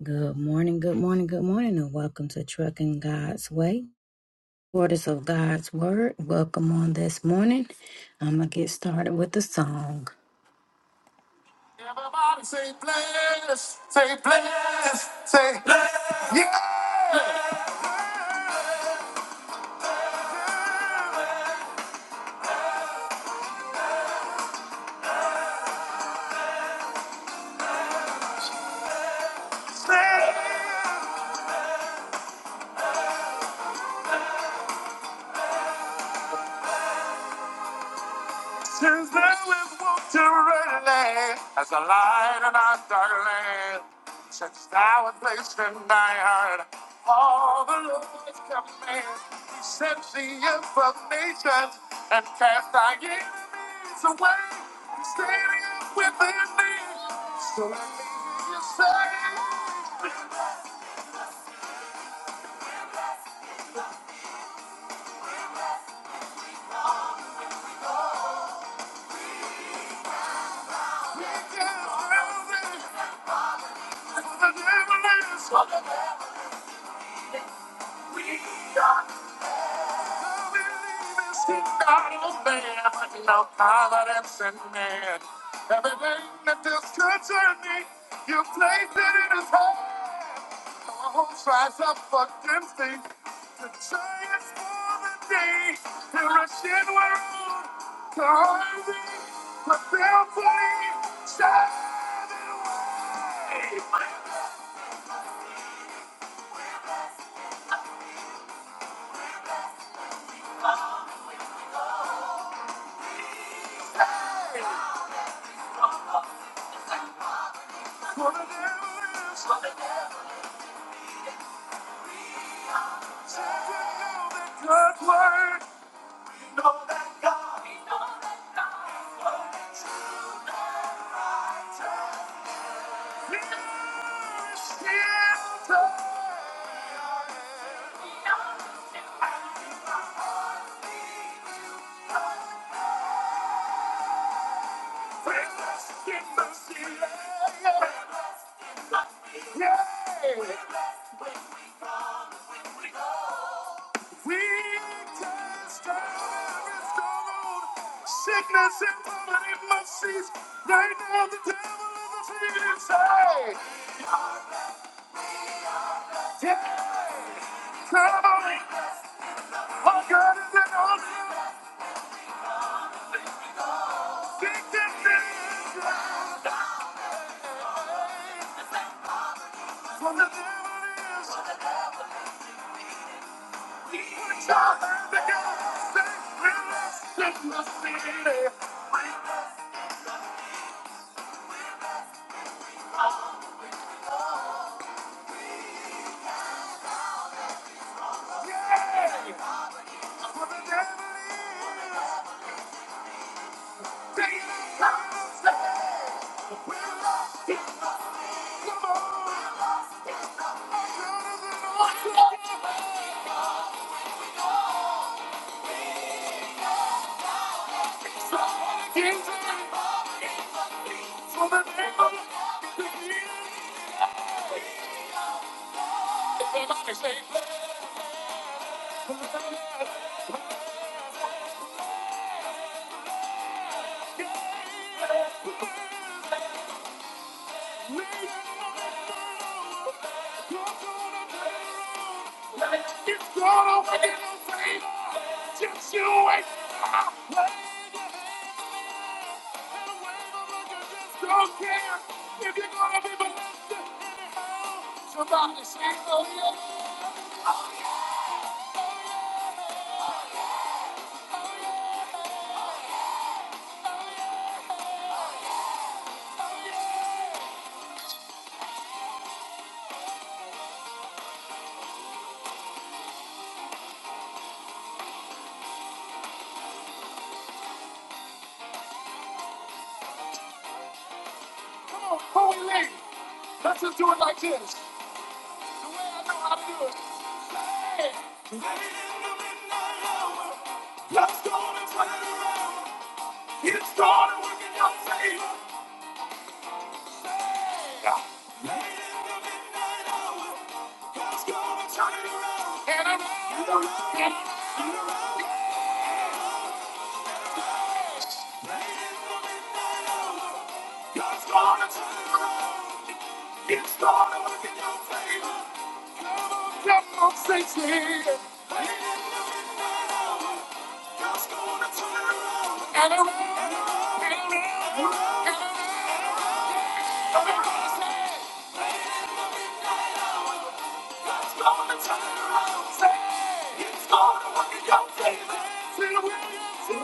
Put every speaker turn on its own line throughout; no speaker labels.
Good morning, good morning, good morning, and welcome to Trucking God's Way. Orders of God's Word. Welcome on this morning. I'm going to get started with the song. Everybody say bless, say bless, say bless. Yeah. Bless. bless. Since then we've walked a red land as a light in our dark land. Since thou hast placed in thy heart all the Lord's commands, he set the earth of nations and cast thy enemies away. He standing up within thee, so let me hear you say, We can hold it, for the devil is. We are man, no tolerance in man. Everything that this creature needs, you place it in his hand. The whole tries up against thee. The giants for the day. He'll rush The Russian world. The hungry. The fearfully. Shame. For the devil is like children of the good word. You know that God. he knows that Sickness and poverty must cease. Right now, the devil is a thief inside. Yeah, come Our God is an awesome, big, big, big God. From the devil is. It's gonna be no favor. Just you wait. Don't care if you're gonna be believing Somebody say, oh yeah. Come on, holy lady. Let's just do it like this. The way I know how to do it. Late in the midnight hour, God's gonna turn it around. It's gonna work in your favor. God's gonna around. God's gonna turn it around. It's gonna work in your favor. And around, and around, and around. It's gonna turn it started turning around. Say, it's gonna work in your favor. Say the way you see.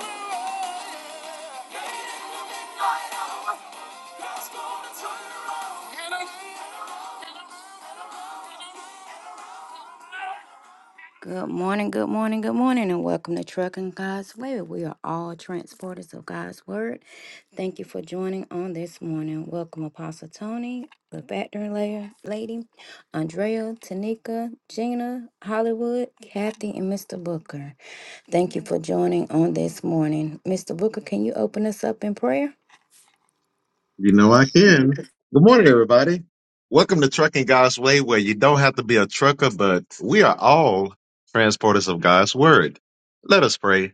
Good morning, good morning, good morning, and welcome to Trucking God's Way. We are all transporters of God's Word. Thank you for joining on this morning. Welcome, Apostle Tony, the factory la- lady, Andrea, Tanika, Gina, Hollywood, Kathy, and Mr. Booker. Thank you for joining on this morning. Mr. Booker, can you open us up in prayer?
You know I can. Good morning, everybody. Welcome to Trucking God's Way, where you don't have to be a trucker, but we are all transporters of God's Word. Let us pray.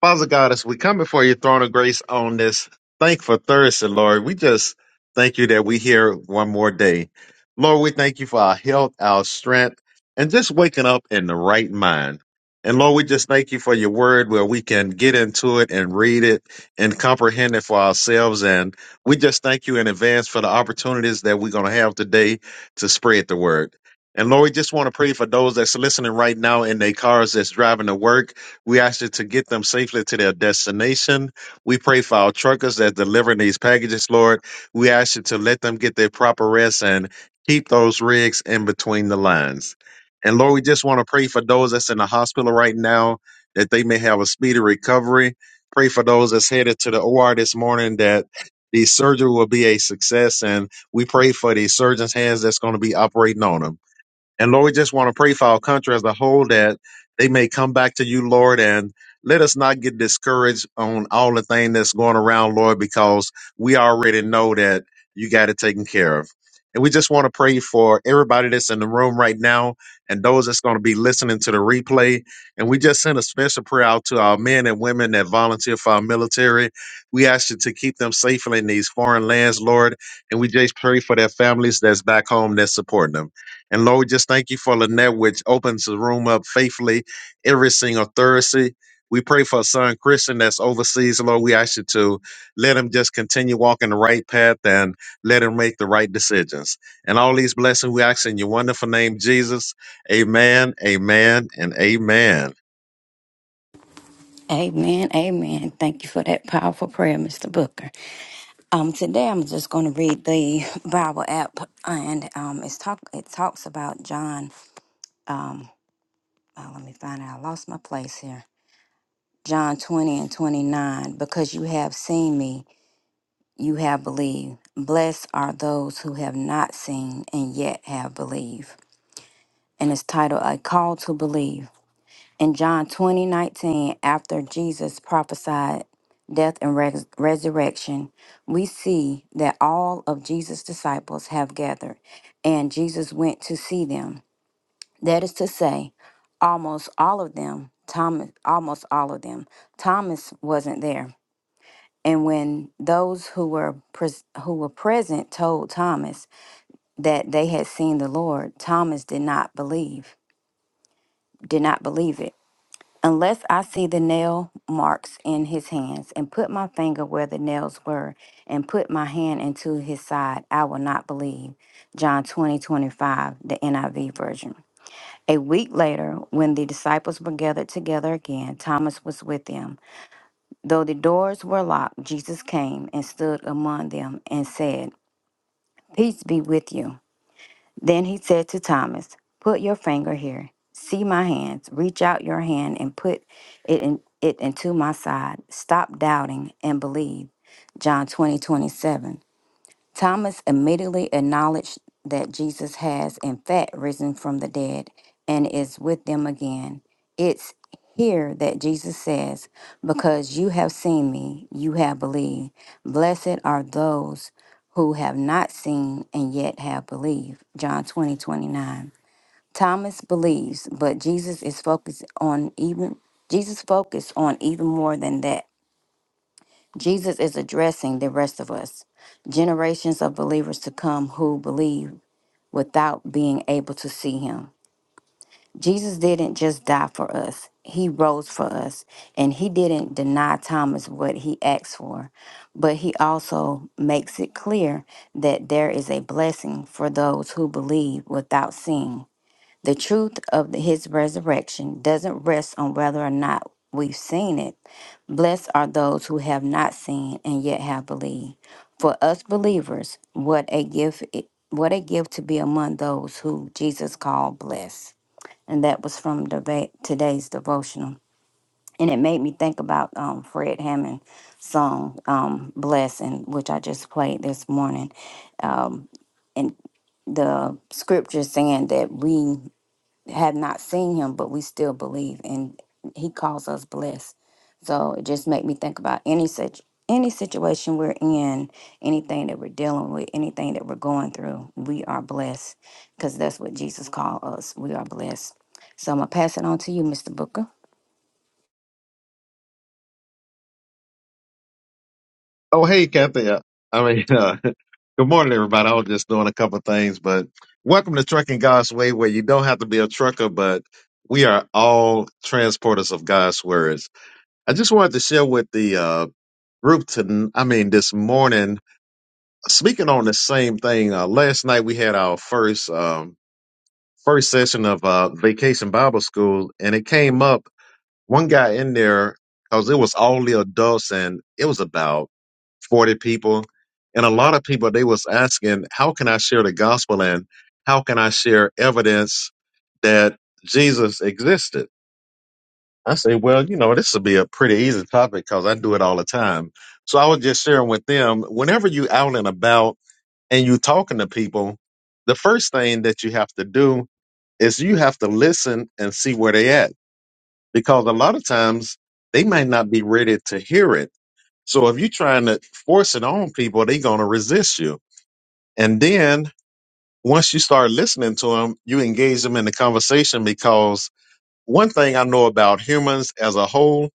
Father God, as we come before your throne of grace on this thankful Thursday, Lord, we just thank you that we here one more day. Lord, we thank you for our health, our strength, and just waking up in the right mind. And Lord, we just thank you for your word where we can get into it and read it and comprehend it for ourselves. And we just thank you in advance for the opportunities that we're going to have today to spread the word. And Lord, we just want to pray for those that's listening right now in their cars that's driving to work we ask you to get them safely to their destination. We pray for our truckers that delivering these packages, Lord. We ask you to let them get their proper rest and keep those rigs in between the lines. And Lord, we just want to pray for those that's in the hospital right now that they may have a speedy recovery. Pray for those that's headed to the OR this morning that the surgery will be a success. And we pray for the surgeon's hands that's going to be operating on them. And Lord, we just want to pray for our country as a whole that they may come back to you, Lord, and let us not get discouraged on all the thing that's going around, Lord, because we already know that you got it taken care of. And we just want to pray for everybody that's in the room right now and those that's going to be listening to the replay. And we just send a special prayer out to our men and women that volunteer for our military. We ask you to keep them safely in these foreign lands, Lord. And we just pray for their families that's back home that's supporting them. And Lord, just thank you for Lynette, which opens the room up faithfully every single Thursday. We pray for our son Christian that's overseas. Lord, we ask you to let him just continue walking the right path and let him make the right decisions. And all these blessings we ask in your wonderful name, Jesus. Amen, amen, and amen.
Amen, amen. Thank you for that powerful prayer, Mr. Booker. Um, today I'm just going to read the Bible app, and um, it's talk. It talks about John. Um, uh, let me find out. I lost my place here. John twenty and twenty nine. Because you have seen me, you have believed. Blessed are those who have not seen and yet have believed. And it's titled "A Call to Believe." In John 20 19, after Jesus prophesied death and res- resurrection, we see that all of Jesus' disciples have gathered and Jesus went to see them. That is to say, almost all of them, Thomas, almost all of them, Thomas wasn't there. And when those who were pres- who were present told Thomas that they had seen the Lord, Thomas did not believe, did not believe it. unless I see the nail marks in his hands, and put my finger where the nails were, and put my hand into his side, I will not believe. John 20 25, the NIV version. A week later, when the disciples were gathered together again, Thomas was with them. Though the doors were locked, Jesus came and stood among them and said, Peace be with you. Then he said to Thomas, Put your finger here. See my hands. Reach out your hand and put it in it into my side. Stop doubting and believe. John 20 27. Thomas immediately acknowledged that Jesus has, in fact, risen from the dead and is with them again. It's here that Jesus says, Because you have seen me, you have believed. Blessed are those who have not seen and yet have believed. John 20 29. Thomas believes, but Jesus is focused on even Jesus focused on even more than that. Jesus is addressing the rest of us, generations of believers to come who believe without being able to see him. Jesus didn't just die for us, he rose for us, and he didn't deny Thomas what he asked for, but he also makes it clear that there is a blessing for those who believe without seeing. The truth of his resurrection doesn't rest on whether or not we've seen it. Blessed are those who have not seen and yet have believed. For us believers, what a gift it- what a gift to be among those who Jesus called blessed. And that was from deba- today's devotional. And it made me think about um, Fred Hammond's song, um, Blessing, which I just played this morning. Um, and the scripture saying that we have not seen him, but we still believe, and he calls us blessed. So it just made me think about any such any situation we're in, anything that we're dealing with, anything that we're going through, we are blessed because that's what Jesus called us. We are blessed. So I'm gonna pass it on to you, Mr. Booker.
Oh, hey, Kathy. Uh, I mean, uh, good morning, everybody. I was just doing a couple of things, but welcome to Trucking God's Way, where you don't have to be a trucker, but we are all transporters of God's words. I just wanted to share with the uh, group to, I mean, this morning, speaking on the same thing. Uh, last night we had our first um, first session of uh, Vacation Bible School, and it came up one guy in there because it was all the adults, and it was about 40 people. And a lot of people, they was asking, how can I share the gospel and how can I share evidence that Jesus existed? I say, well, you know, this would be a pretty easy topic because I do it all the time. So I was just sharing with them, whenever you out and about and you talking to people, the first thing that you have to do is you have to listen and see where they at. Because a lot of times they might not be ready to hear it so if you're trying to force it on people, they're going to resist you. And then once you start listening to them, you engage them in the conversation because one thing I know about humans as a whole,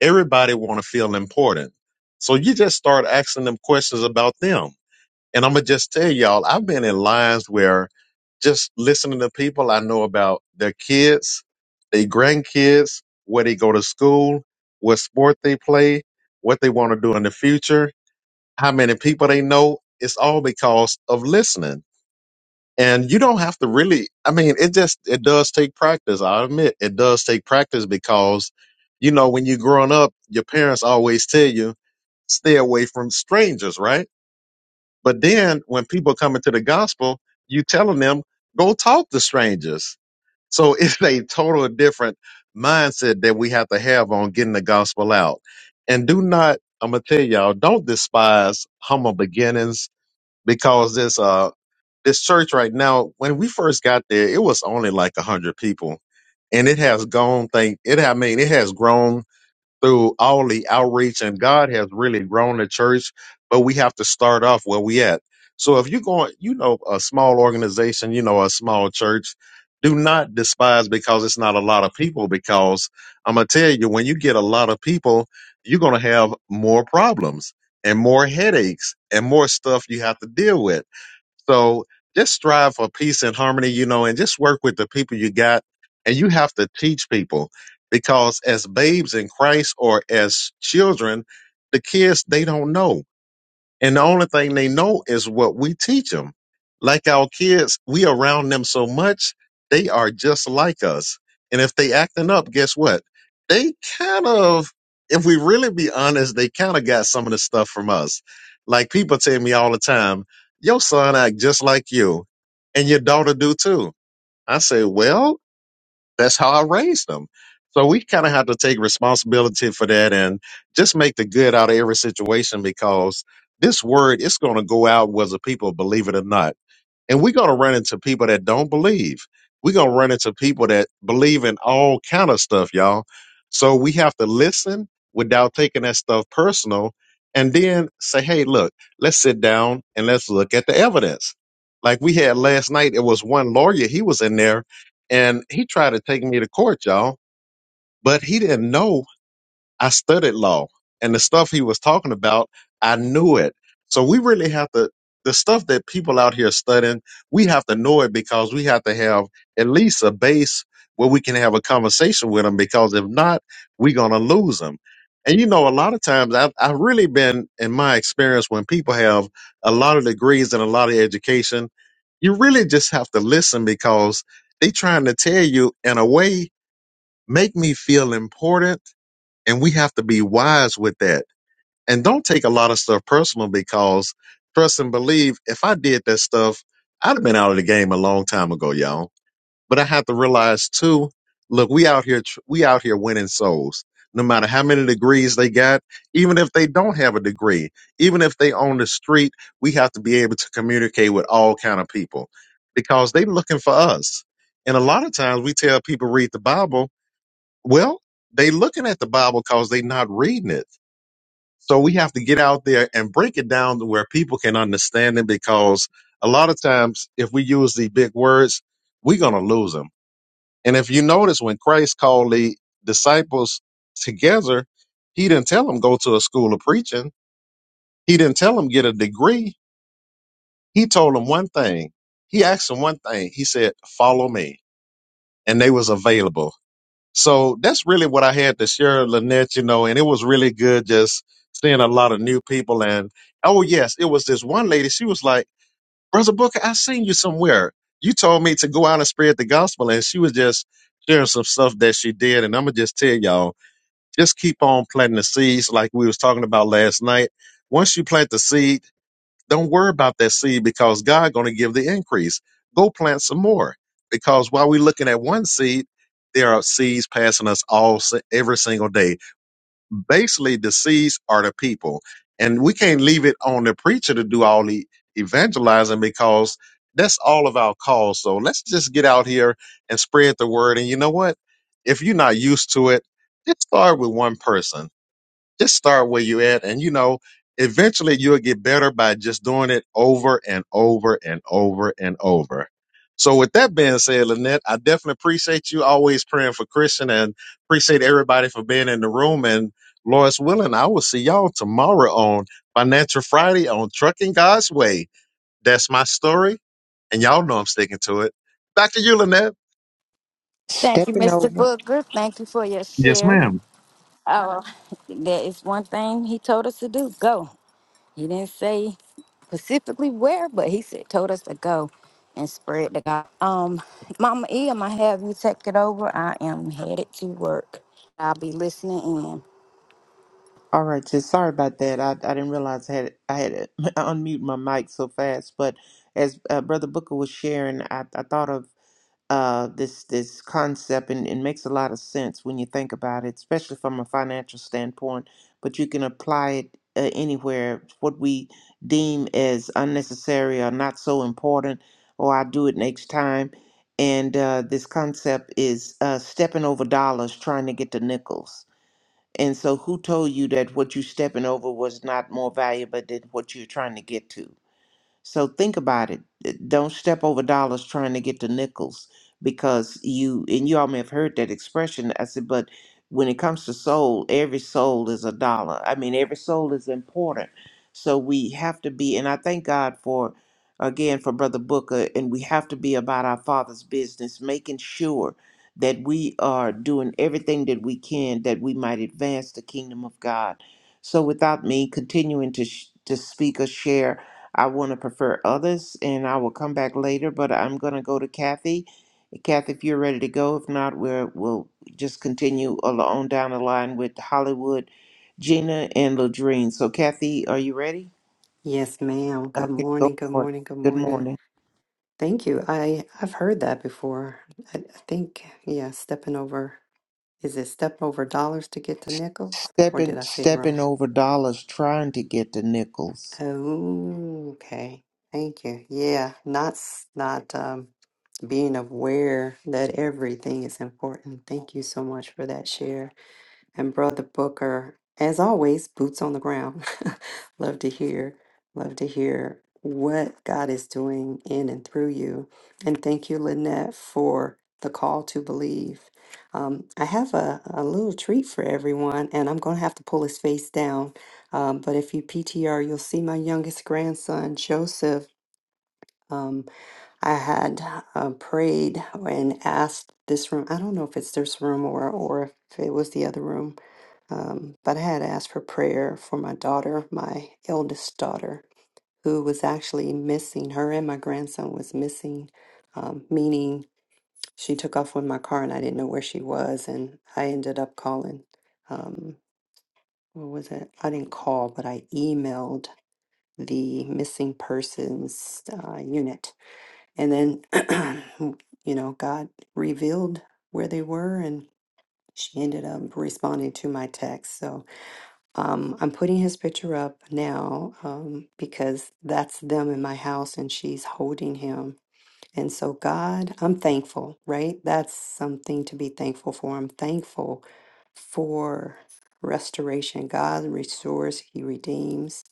everybody want to feel important. So you just start asking them questions about them. And I'm going to just tell y'all, I've been in lines where just listening to people I know about their kids, their grandkids, where they go to school, what sport they play, what they want to do in the future how many people they know it's all because of listening and you don't have to really i mean it just it does take practice i admit it does take practice because you know when you're growing up your parents always tell you stay away from strangers right but then when people come into the gospel you telling them go talk to strangers so it's a total different mindset that we have to have on getting the gospel out and do not i'm gonna tell y'all don't despise humble beginnings because this uh this church right now, when we first got there, it was only like a hundred people, and it has gone. Think it, I mean, it has grown through all the outreach, and God has really grown the church. But we have to start off where we at. So if you're going, you know, a small organization, you know, a small church, do not despise because it's not a lot of people. Because I'm gonna tell you, when you get a lot of people, you're gonna have more problems and more headaches and more stuff you have to deal with. So just strive for peace and harmony, you know, and just work with the people you got. And you have to teach people because as babes in Christ or as children, the kids, they don't know and the only thing they know is what we teach them. Like our kids, we around them so much, they are just like us. And if they acting up, guess what? They kind of, if we really be honest, they kind of got some of the stuff from us. Like people tell me all the time, your son act just like you and your daughter do too. I say, well, that's how I raised them. So we kind of have to take responsibility for that and just make the good out of every situation because this word is going to go out whether people believe it or not and we're going to run into people that don't believe. We're going to run into people that believe in all kind of stuff, y'all. So we have to listen without taking that stuff personal and then say, hey, look, let's sit down and let's look at the evidence. Like we had last night, it was one lawyer, he was in there and he tried to take me to court, y'all, but he didn't know I studied law and the stuff he was talking about, I knew it. So we really have to, the stuff that people out here studying, we have to know it because we have to have at least a base where we can have a conversation with them because if not, we're going to lose them. And you know, a lot of times I've, I've really been in my experience when people have a lot of degrees and a lot of education, you really just have to listen because they trying to tell you in a way, make me feel important and we have to be wise with that. And don't take a lot of stuff personal because trust and believe, if I did that stuff, I'd have been out of the game a long time ago, y'all. But I have to realize too, look, we out here, tr- we out here winning souls. No matter how many degrees they got, even if they don't have a degree, even if they on the street, we have to be able to communicate with all kind of people because they looking for us. And a lot of times we tell people read the Bible, well, they looking at the Bible because they not reading it. So we have to get out there and break it down to where people can understand it. Because a lot of times, if we use the big words, we're gonna lose them. And if you notice, when Christ called the disciples together, he didn't tell them go to a school of preaching. He didn't tell them get a degree. He told them one thing. He asked them one thing. He said, "Follow me," and they was available. So that's really what I had to share, Lynette, you know, and it was really good just seeing a lot of new people. And oh, yes, it was this one lady. She was like, Brother Booker, I seen you somewhere. You told me to go out and spread the gospel. And she was just sharing some stuff that she did. And I'm going to just tell y'all, just keep on planting the seeds like we was talking about last night. Once you plant the seed, don't worry about that seed because God going to give the increase. Go plant some more because while we're looking at one seed, there are seeds passing us all si- every single day. Basically, the seeds are the people, and we can't leave it on the preacher to do all the evangelizing because that's all of our call. So let's just get out here and spread the word. And you know what? If you're not used to it, just start with one person just start where you're at and you know eventually you'll get better by just doing it over and over and over and over so with that being said lynette i definitely appreciate you always praying for christian and appreciate everybody for being in the room and Lord's willing i will see y'all tomorrow on financial friday on trucking god's way that's my story and y'all know i'm sticking to it back to you lynette
Thank you,
Stepping
Mr.
over.
Booker. Thank you for your
yes
share.
ma'am
Oh, There is one thing he told us to do. Go. He didn't say specifically where, but he said told us to go and spread the God. Um, Mama E, I'm gonna have you take it over. I am headed to work. I'll be listening in.
All right, sis. Sorry about that. I, I didn't realize I had I had to unmute my mic so fast. But as uh, Brother Booker was sharing, I, I thought of uh, this this concept, and it makes a lot of sense when you think about it, especially from a financial standpoint. But you can apply it uh, anywhere. What we deem as unnecessary or not so important, or I do it next time. And uh, this concept is uh, stepping over dollars, trying to get to nickels And so, who told you that what you stepping over was not more valuable than what you're trying to get to? So think about it. Uh, Don't step over dollars trying to get to nickels because you and you all may have heard that expression. I said, but when it comes to soul, every soul is a dollar. I mean, every soul is important. So we have to be, and I thank God for again for Brother Booker, and we have to be about our Father's business, making sure that we are doing everything that we can that we might advance the kingdom of God. So without me continuing to sh- to speak or share I want to prefer others, and I will come back later. But I'm going to go to Kathy. Kathy, if you're ready to go, if not, we're, we'll just continue al- on down the line with Hollywood, Gina, and Ladrine. So, Kathy, are you ready?
Yes, ma'am. Good
Okay, go
morning. Good
for it.
morning. Good
Good
morning.
morning.
Thank you. I I've heard that before. I, I think yeah, stepping over is it step over dollars to get to nickels, or did
Stepping,
I say it wrong?
stepping over dollars, trying to get the nickels.
Oh, okay. Thank you. Yeah, not s- not um being aware that everything is important. Thank you so much for that share. and Brother Booker. As always, boots on the ground. love to hear, love to hear what God is doing in and through you. And thank you, Lynette, for the call to believe. Um, I have a, a little treat for everyone, and I'm going to have to pull his face down. Um, but if you PTR, you'll see my youngest grandson, Joseph. Um, I had uh, prayed and asked this room. I don't know if it's this room or or if it was the other room um, but I had asked for prayer for my daughter, my eldest daughter, who was actually missing. Her and my grandson was missing, um, meaning she took off with my car and I didn't know where she was. And I ended up calling. Um, what was it? I didn't call, but I emailed the missing persons uh, unit. And then, you know, God revealed where they were and she ended up responding to my text. So Um, I'm putting his picture up now um, because that's them in my house, and she's holding him and so, God, I'm thankful, right? That's something to be thankful for. I'm thankful for restoration. God restores, He redeems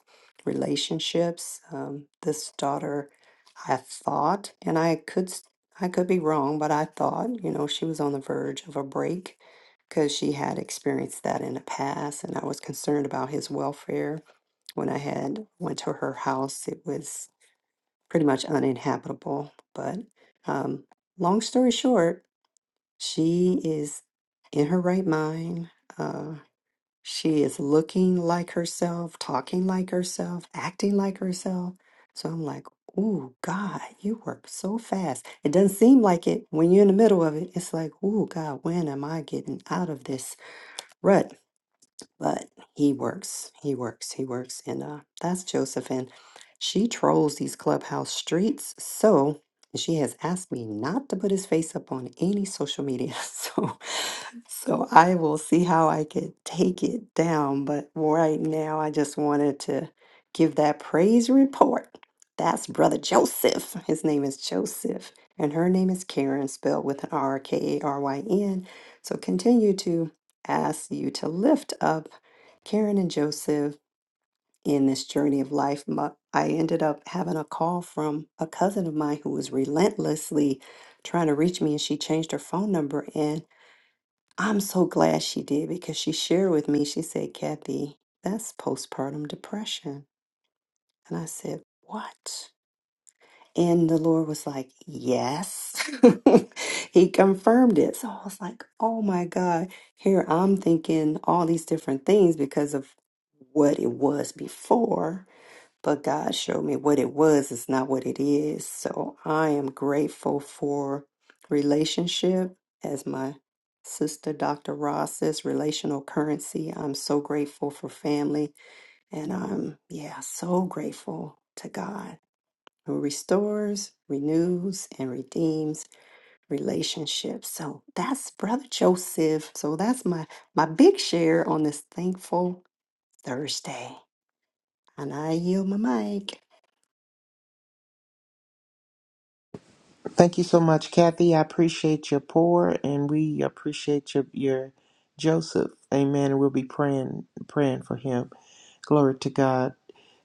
relationships. Um, this daughter, I thought, and I could. s- I could be wrong, but I thought, you know, she was on the verge of a break because she had experienced that in the past, and I was concerned about his welfare. When I had went to her house, it was pretty much uninhabitable. But um, long story short, she is in her right mind. Uh, she is looking like herself, talking like herself, acting like herself. So I'm like, ooh, God, you work so fast. It doesn't seem like it when you're in the middle of it. It's like, ooh, God, when am I getting out of this rut? but he works, he works, he works, and uh, that's Joseph. And she trolls these clubhouse streets, so she has asked me not to put his face up on any social media. So, so I will see how I could take it down. But right now, I just wanted to give that praise report. That's brother Joseph. His name is Joseph, and her name is Karen, spelled with an R K A R Y N. So continue to ask you to lift up Karen and Joseph in this journey of life. My, I ended up having a call from a cousin of mine who was relentlessly trying to reach me, and she changed her phone number. And I'm so glad she did because she shared with me, she said, Kathy, that's postpartum depression. And I said, What? And the Lord was like, Yes. he confirmed it. So I was like, Oh my God. Here I'm thinking all these different things because of what it was before. But God showed me what it was is not what it is. So I am grateful for relationship. As my sister, Dr. Ross says, relational currency. I'm so grateful for family. And I'm, yeah, so grateful to God who restores, renews, and redeems relationships. So that's Brother Joseph. So that's my my big share on this thankful Thursday. And I yield my mic.
Thank you so much, Kathy. I appreciate your pour, and we appreciate your your Joseph. Amen. And we'll be praying praying for him. Glory to God.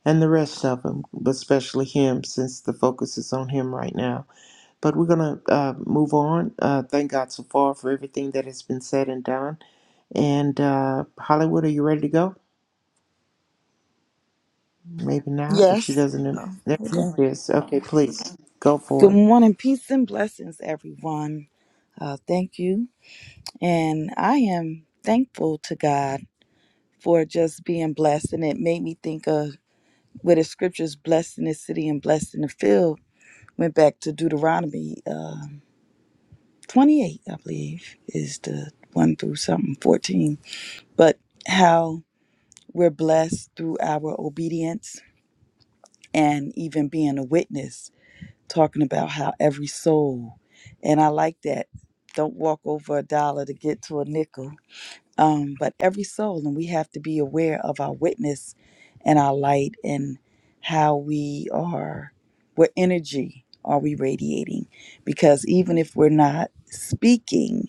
and the rest of them, but especially him, since the focus is on him right now. But we're going to uh, move on. Uh, thank God so far for everything that has been said and done. And uh, Hollywood, are you ready to go? Maybe not. If she
Yes.
doesn't,
Oh,
there
hold
she
on.
is. Okay, please go for
Good
it.
morning, peace and blessings, everyone. Uh, thank you. And I am thankful to God for just being blessed. And it made me think of where the scriptures blessed in the city and blessed in the field went back to Deuteronomy uh, 28, I believe, is the one through something 14. But how we're blessed through our obedience and even being a witness talking about how every soul, and I like that. Don't walk over a dollar to get to a nickel. Um, but every soul, and we have to be aware of our witness and our light and how we are, what energy are we radiating? Because even if we're not speaking,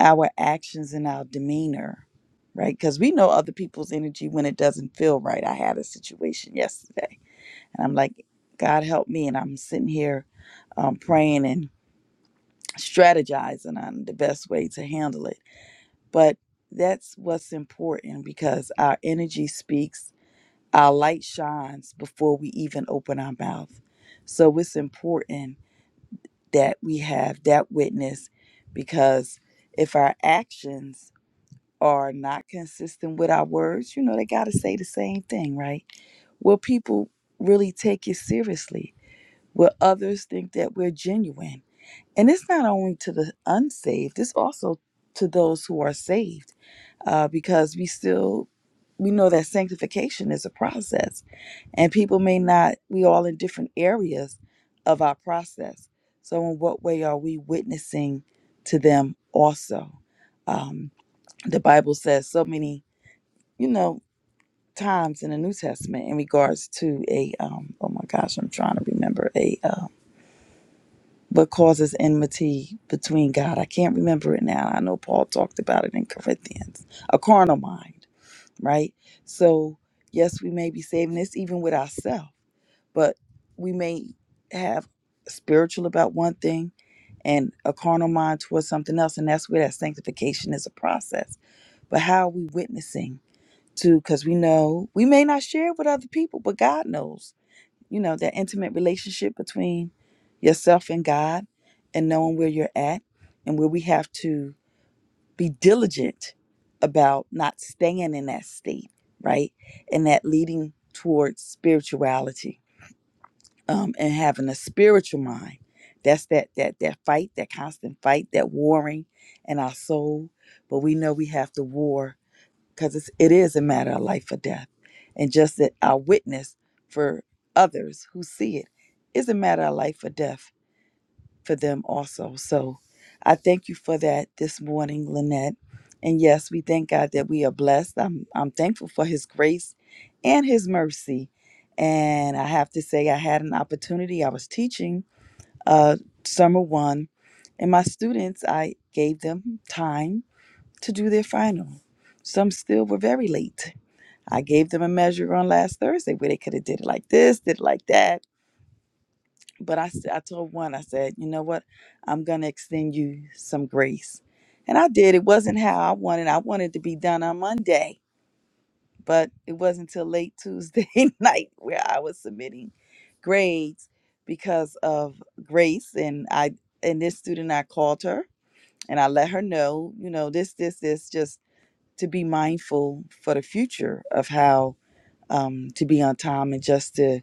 our actions and our demeanor, right? Because we know other people's energy when it doesn't feel right. I had a situation yesterday and I'm like, God help me. And I'm sitting here um, praying and strategizing on the best way to handle it. But that's what's important because our energy speaks, our light shines before we even open our mouth. So it's important that we have that witness because if our actions are not consistent with our words, you know, they got to say the same thing, right? Will people really take you seriously? where others think that we're genuine. And it's not only to the unsaved, it's also to those who are saved uh, because we still. We know that sanctification is a process, and people may not, we all in different areas of our process. So, in what way are we witnessing to them also? Um, the Bible says so many, you know, times in the New Testament in regards to a, um, oh my gosh, I'm trying to remember a, uh, but causes enmity between God. I can't remember it now. I know Paul talked about it in Corinthians. A carnal mind, right? So, yes, we may be saving this even with ourselves, but we may have spiritual about one thing and a carnal mind towards something else. And that's where that sanctification is a process. But how are we witnessing to? Because we know we may not share with other people, but God knows you know, that intimate relationship between yourself and God and knowing where you're at and where we have to be diligent about not staying in that state, right? And that leading towards spirituality um, and having a spiritual mind. That's that that that fight, that constant fight, that warring in our soul. But we know we have to war because it is a matter of life or death. And just that our witness for others who see it is a matter of life or death for them also. So I thank you for that this morning, Lynette. And yes, we thank God that we are blessed. I'm, I'm thankful for his grace and his mercy. And I have to say, I had an opportunity. I was teaching uh, summer one, and my students, I gave them time to do their final. Some still were very late I gave them a measure on last Thursday where they could have did it like this, did it like that. But I, s- I told one, I said, you know what? I'm going to extend you some grace. And I did. It wasn't how I wanted. I wanted to be done on Monday, but it wasn't till late Tuesday night where I was submitting grades because of grace. And I, and this student, I called her and I let her know, you know, this, this, this, just to be mindful for the future of how um, to be on time and just to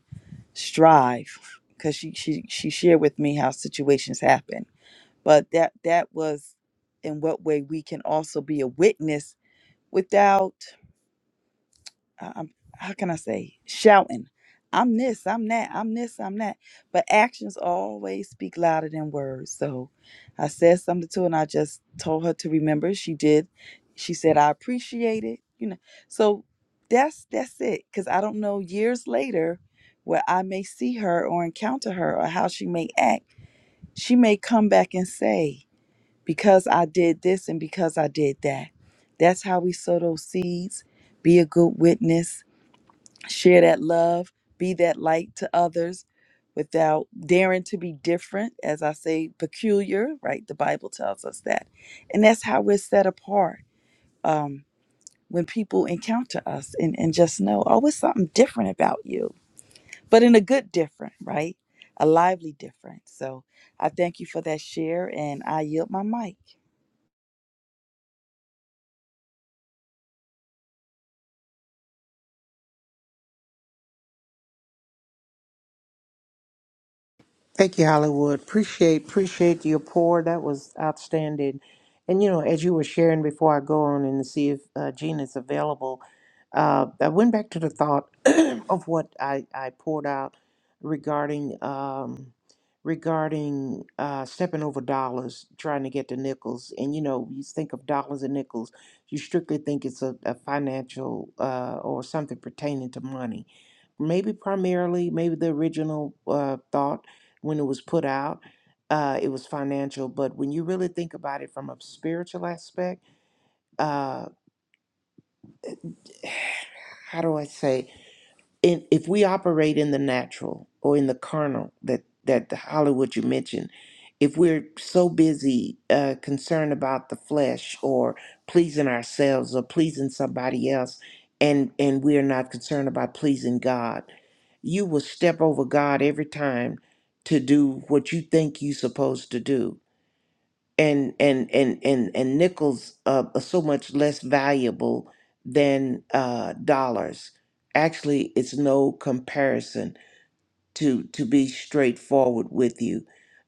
strive because she, she she shared with me how situations happen but that that was in what way we can also be a witness without I- I'm, how can I say, shouting, I'm this, I'm that, I'm this, I'm that. But actions always speak louder than words. So I said something to her and I just told her to remember. She did. She said, I appreciate it. You know, so that's that's it. Cause I don't know years later where I may see her or encounter her or how she may act. She may come back and say, because I did this and because I did that. That's how we sow those seeds. Be a good witness share that love, be that light to others without daring to be different, as I say, peculiar, right? The Bible tells us that. And that's how we're set apart um, when people encounter us and, and just know, oh, it's something different about you, but in a good different, right? A lively different. So I thank you for that share and I yield my mic.
Thank you, Hollywood. Appreciate appreciate your pour. That was outstanding. And you know, as you were sharing before I go on and see if uh, Gina is available, uh, I went back to the thought of what I, I poured out regarding um, regarding uh, stepping over dollars, trying to get the nickels. And you know, you think of dollars and nickels, you strictly think it's a, a financial uh, or something pertaining to money. Maybe primarily, maybe the original uh, thought when it was put out. Uh, it was financial, but when you really think about it from a spiritual aspect, uh, how do I say? In, if we operate in the natural or in the carnal, that that the Hollywood you mentioned, if we're so busy uh, concerned about the flesh or pleasing ourselves or pleasing somebody else, and and we are not concerned about pleasing God, you will step over God every time to do what you think you're supposed to do and and and and and nickels uh, are so much less valuable than uh, dollars. Actually, it's no comparison to to be straightforward with you.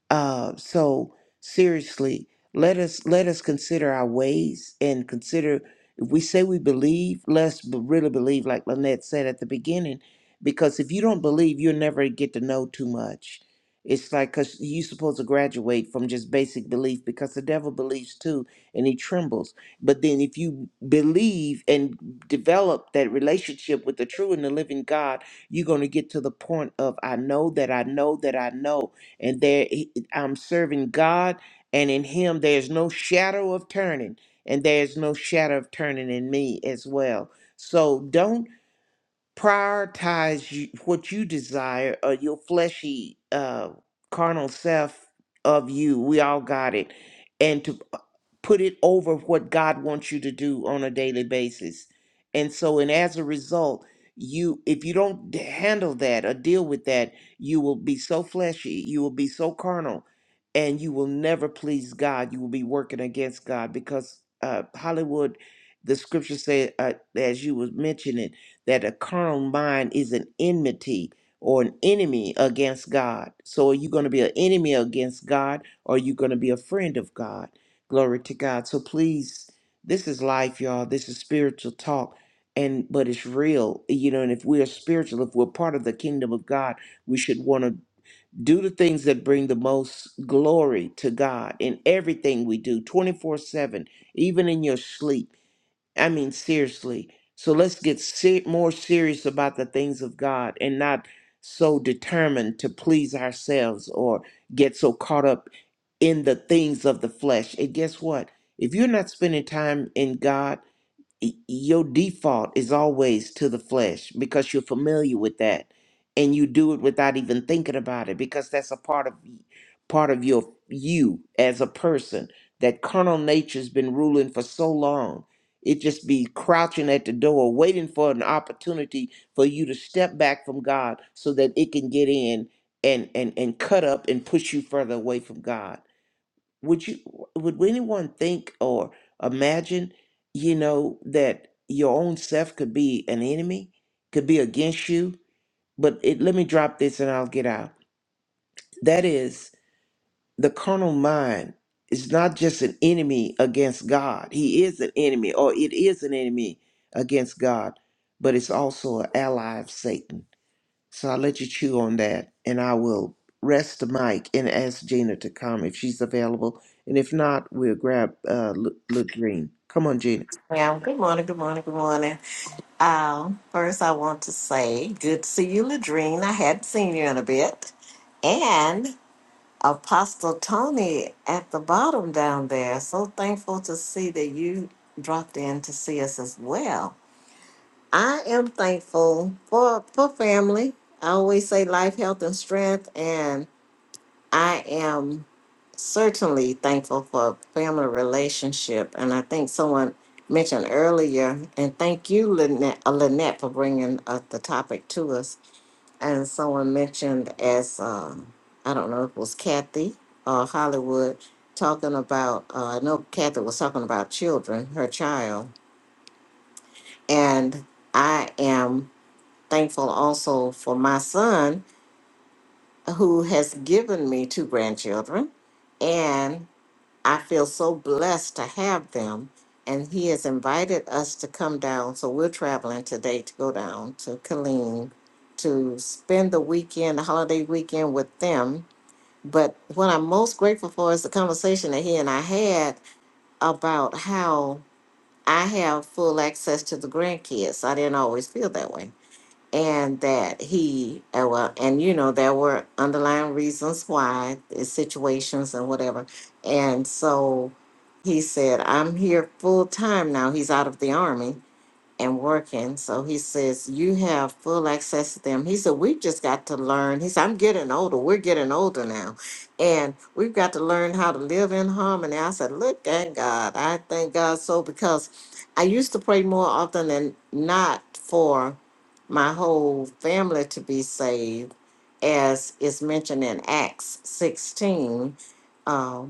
Uh, so seriously, let us let us consider our ways and consider if we say we believe, let's b- really believe, like Lynette said at the beginning, because if you don't believe, you'll never get to know too much. It's like because you're supposed to graduate from just basic belief because the devil believes too and he trembles. But then if you believe and develop that relationship with the true and the living God you're going to get to the point of, I know that I know that I know. And there I'm serving God, and in Him there's no shadow of turning, and there's no shadow of turning in me as well. So don't prioritize you, what you desire or your fleshy uh carnal self of you we all got it and to p- put it over what god wants you to do on a daily basis and so and as a result you if you don't d- handle that or deal with that you will be so fleshy you will be so carnal and you will never please god you will be working against god because uh hollywood the scripture said uh, as you was mentioning that a carnal mind is an enmity or an enemy against God. So are you going to be an enemy against God or are you going to be a friend of God? Glory to God. So please, this is life, y'all. This is spiritual talk. And but it's real, you know, and if we are spiritual, if we're part of the kingdom of God, we should want to do the things that bring the most glory to God in everything we do 24 7, even in your sleep. I mean, seriously. So let's get ser- more serious about the things of God and not so determined to please ourselves or get so caught up in the things of the flesh. And guess what? If you're not spending time in God, y- your default is always to the flesh because you're familiar with that and you do it without even thinking about it because that's a part of part of your you as a person that carnal nature's been ruling for so long it just be crouching at the door waiting for an opportunity for you to step back from god so that it can get in and and and cut up and push you further away from god would you would anyone think or imagine you know that your own self could be an enemy could be against you but it, let me drop this and i'll get out that is the carnal mind is not just an enemy against god he is an enemy or it is an enemy against god but it's also an ally of satan so I'll let you chew on that and I will rest the mic and ask Gina to come if she's available. And if not, we'll grab uh, L- Latrine. Come on, Gina.
Yeah, good morning, good morning, good morning. Um, first, I want to say good to see you, Ladrine. I hadn't seen you in a bit. And Apostle Tony at the bottom down there. So thankful to see that you dropped in to see us as well. I am thankful for, for family. I always say life, health, and strength. And I am certainly thankful for a family relationship. And I think someone mentioned earlier, and thank you, Lynette, uh, Lynette for bringing uh, the topic to us. And someone mentioned, as um, I don't know if it was Kathy or Hollywood, talking about, uh, I know Kathy was talking about children, her child. And I am thankful also for my son who has given me two grandchildren. and. I feel so blessed to have them. And he has invited us to come down. So we're traveling today to go down to Killeen to spend the weekend, the holiday weekend with them. But what I'm most grateful for is the conversation that he and I had about how I have full access to the grandkids. I didn't always feel that way and that he uh, well and you know there were underlying reasons why uh, situations and whatever and so he said i'm here full time now he's out of the army and working. So he says, You have full access to them. He said, We've just got to learn. He said, I'm getting older. We're getting older now. And we've got to learn how to live in harmony. I said, Look at God. I thank God so because I used to pray more often than not for my whole family to be saved, as is mentioned in Acts 16. um,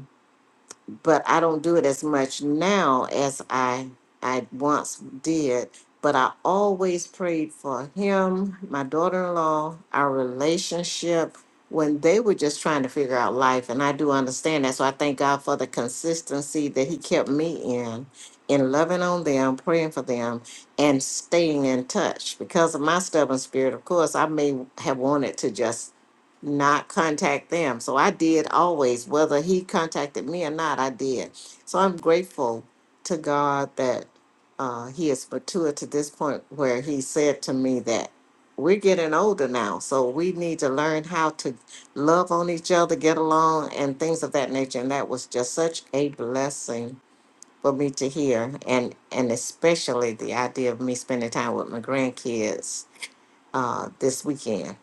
but I don't do it as much now as I I once did. But I always prayed for him, my daughter-in-law, our relationship when they were just trying to figure out life. And I do understand that. So I thank God for the consistency that he kept me in, in loving on them, praying for them, and staying in touch. Because of my stubborn spirit, of course, I may have wanted to just not contact them. So I did always, whether he contacted me or not, I did. So I'm grateful to God that uh, he is mature to this point where he said to me that we're getting older now. So we need to learn how to love on each other, get along, and things of that nature. And that was just such a blessing for me to hear. And, and especially the idea of me spending time with my grandkids uh, this weekend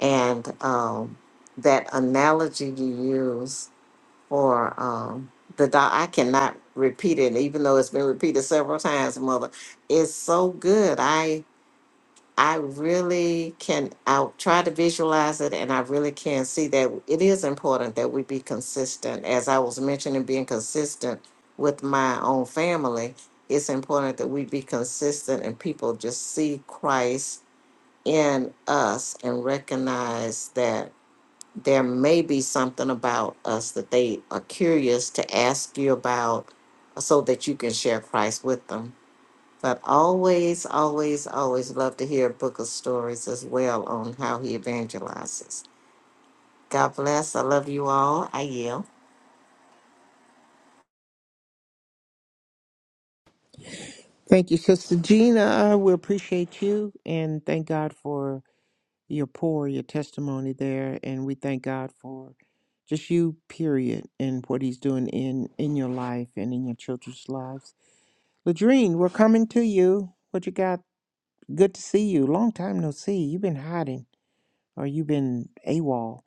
and um, that analogy you use for um, the dog i cannot repeat it even though it's been repeated several times mother it's so good i i really can i try to visualize it and i really can see that it is important that we be consistent as i was mentioning being consistent with my own family it's important that we be consistent and people just see christ in us and recognize that there may be something about us that they are curious to ask you about uh, so that you can share Christ with them. But always, always, always love to hear book of stories as well on how he evangelizes. God bless. I love you all. I yield.
Thank you, Sister Gina. Uh, We appreciate you and thank God for your pour, your testimony there. And we thank God for just you, period, and what He's doing in, in your life and in your children's lives. Ladrine, we're coming to you. What you got? Good to see you. Long time no see. You've been hiding. or you've been AWOL.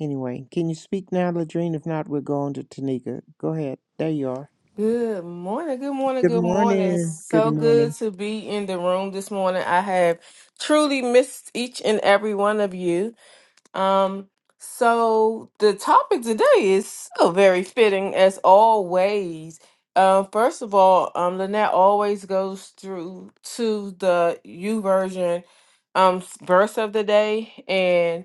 Anyway, can you speak now, Ladrine? If not, we're going to Tanika. Go ahead. There you are.
Good morning, good morning,
Good
good morning.
morning. Good
So good
morning.
to be in the room this morning. I have truly missed each and every one of you. Um, so the topic today is so very fitting as always. Uh, first of all, um, Lynette always goes through to the U version um s- verse of the day, and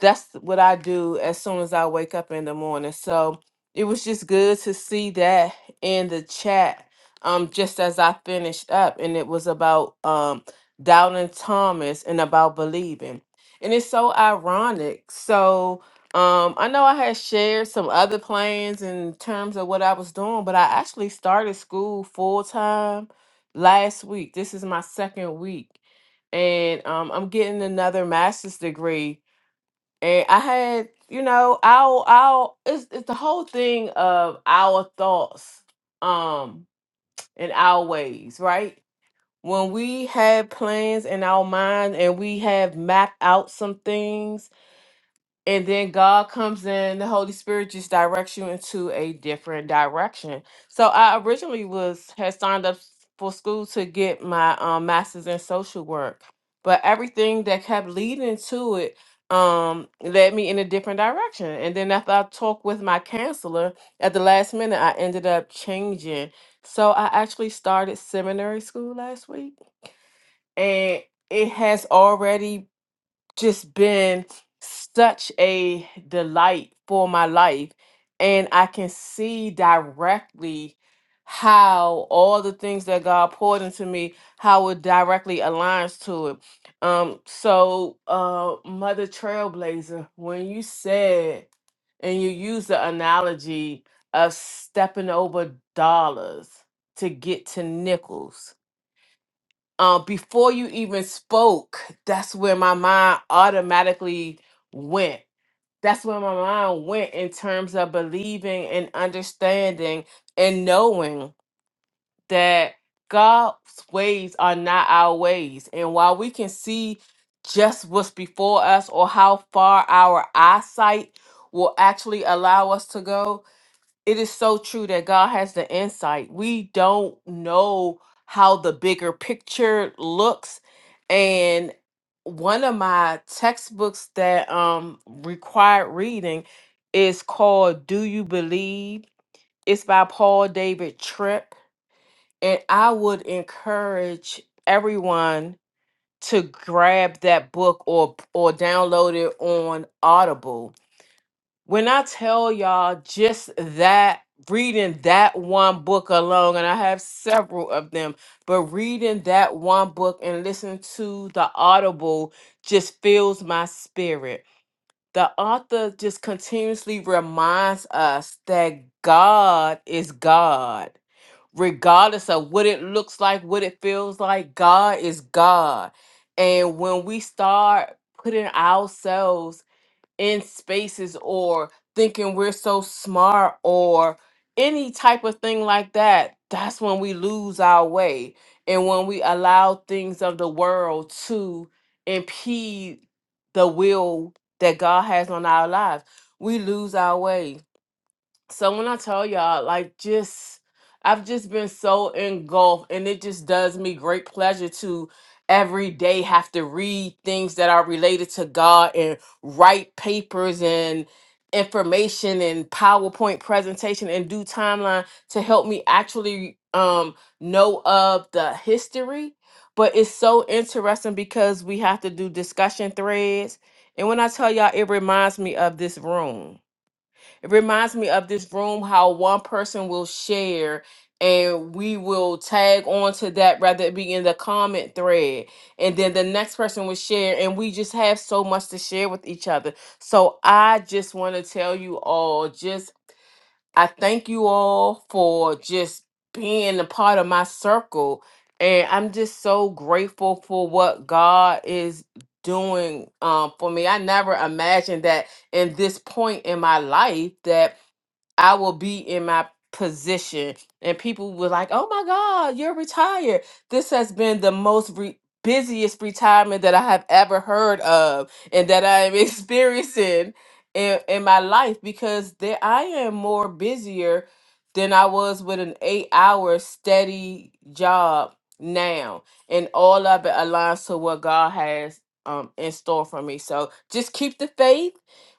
that's what I do as soon as I wake up in the morning. So it was just good to see that in the chat. Um, just as I finished up, and it was about um doubting Thomas and about believing. And it's so ironic. So um, I know I had shared some other plans in terms of what I was doing, but I actually started school full time last week. This is my second week, and um, I'm getting another master's degree. And I had, you know, our our it's, it's the whole thing of our thoughts, um, and our ways, right? When we have plans in our mind and we have mapped out some things and then God comes in, the Holy Spirit just directs you into a different direction. So I originally was had signed up for school to get my um, master's in social work, but everything that kept leading to it um led me in a different direction. And then after I talked with my counselor at the last minute, I ended up changing. So I actually started seminary school last week, and it has already just been such a delight for my life. And I can see directly how all the things that God poured into me, how it directly aligns to it. Um, so uh Mother Trailblazer, when you said and you used the analogy of stepping over dollars to get to nickels, uh, before you even spoke, that's where my mind automatically went. That's where my mind went in terms of believing and understanding and knowing that God's ways are not our ways. And while we can see just what's before us or how far our eyesight will actually allow us to go, it is so true that God has the insight. We don't know how the bigger picture looks. And one of my textbooks that um required reading is called Do You Believe? It's by Paul David Tripp. And I would encourage everyone to grab that book or or download it on Audible when I tell y'all just that, reading that one book alone, and I have several of them, but reading that one book and listening to the Audible just fills my spirit. The author just continuously reminds us that God is God. Regardless of what it looks like, what it feels like, God is God. And when we start putting ourselves in spaces or thinking we're so smart or any type of thing like that, that's when we lose our way. And when we allow things of the world to impede the will that God has on our lives, we lose our way so when I tell y'all, like, just I've just been so engulfed, and it just does me great pleasure to every day have to read things that are related to God and write papers and information and PowerPoint presentation and do timeline to help me actually um know of the history. But it's so interesting because we have to do discussion threads. And when I tell y'all, it reminds me of this room it reminds me of this room how one person will share and we will tag on to that rather it be in the comment thread and then the next person will share and we just have so much to share with each other so i just want to tell you all just i thank you all for just being a part of my circle and i'm just so grateful for what god is doing um, for me i never imagined that in this point in my life that I will be in my position. And people were like, oh my God, you're retired. This has been the most re- busiest retirement that I have ever heard of and that I am experiencing in, in my life because there I am more busier than I was with an eight hour steady job now. And all of it aligns to what God has um, in store for me. So just keep the faith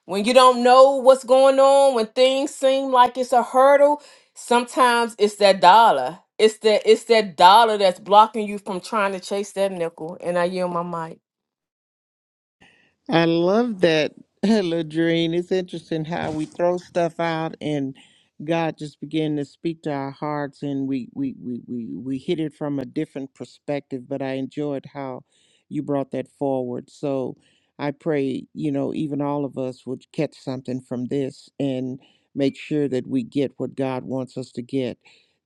when you don't know what's going on, when things seem like it's a hurdle, sometimes it's that dollar. It's that it's that dollar that's blocking you from trying to chase that nickel. And I yield my mic.
I love that, Ladrine. It's interesting how we throw stuff out and God just began to speak to our hearts and we, we, we, we, we hit it from a different perspective. But I enjoyed how you brought that forward. So I pray, you know, even all of us would catch something from this and make sure that we get what God wants us to get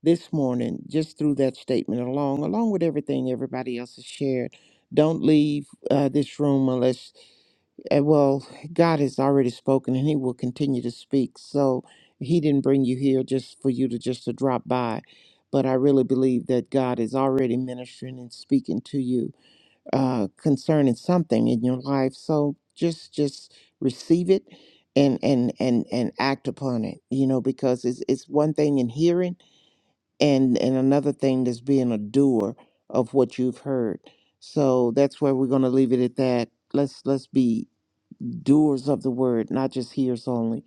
this morning, just through that statement along, along with everything everybody else has shared. Don't leave uh, this room unless and well, God has already spoken and he will continue to speak. So he didn't bring you here just for you to just to drop by. But I really believe that God is already ministering and speaking to you uh, concerning something in your life. So just just receive it and and and and act upon it, you know, because it's it's one thing in hearing and and another thing that's being a doer of what you've heard. So that's where we're gonna leave it at that. Let's let's be doers of the word, not just hearers only.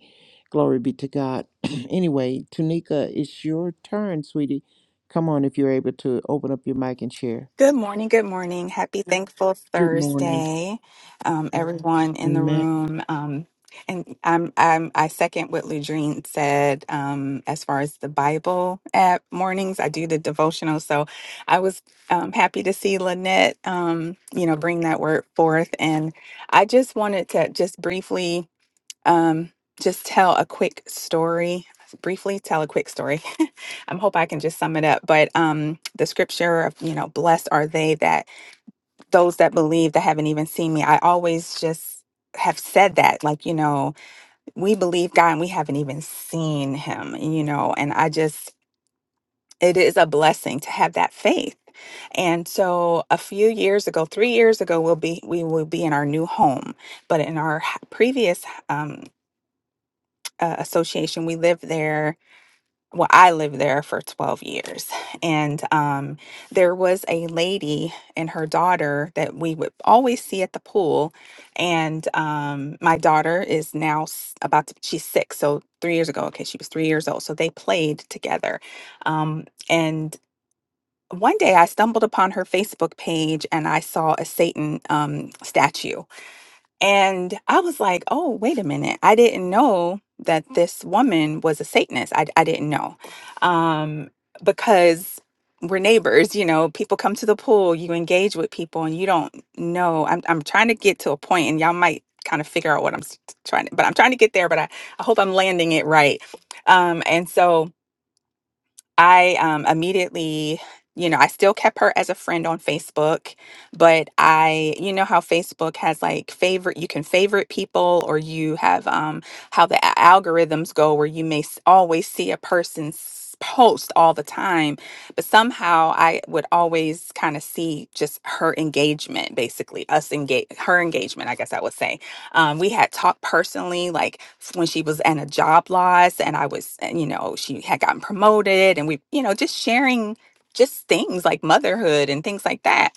Glory be to God. anyway, Tunika, it's your turn, sweetie. Come on, if you're able to open up your mic and share.
Good morning. Good morning. Happy Thankful
Good morning.
Thursday, um, everyone in the
Amen.
room. Um, and I'm, I'm, I second what Ludrine said um, as far as the Bible at mornings. I do the devotional. So I was um, happy to see Lynette, um, you know, bring that word forth. And I just wanted to just briefly um, just tell a quick story briefly tell a quick story i hope i can just sum it up but um the scripture of you know blessed are they that those that believe that haven't even seen me i always just have said that like you know we believe god and we haven't even seen him you know and i just it is a blessing to have that faith and so a few years ago 3 years ago we'll be we will be in our new home but in our h- previous um, uh, association. We lived there. Well, I lived there for 12 years. And um, there was a lady and her daughter that we would always see at the pool. And um, my daughter is now s- about to, she's six. So three years ago, okay, she was three years old. So they played together. Um, and one day I stumbled upon her Facebook page and I saw a Satan um, statue and I was like, oh, wait a minute. I didn't know that this woman was a Satanist. I, I didn't know. Um, because we're neighbors, you know, people come to the pool, you engage with people, and you don't know. I'm, I'm trying to get to a point, and y'all might kind of figure out what I'm s- trying to, but I'm trying to get there, but I, I hope I'm landing it right. Um, and so, I um, immediately, you know, I still kept her as a friend on Facebook, but I, you know, how Facebook has like favorite, you can favorite people, or you have um, how the a- algorithms go where you may s- always see a person's post all the time, but somehow I would always kind of see just her engagement, basically, us engage, her engagement, I guess I would say um, we had talked personally, like s- when she was in a job loss, and I was, and, you know, she had gotten promoted, and we, you know, just sharing just things like motherhood and things like that.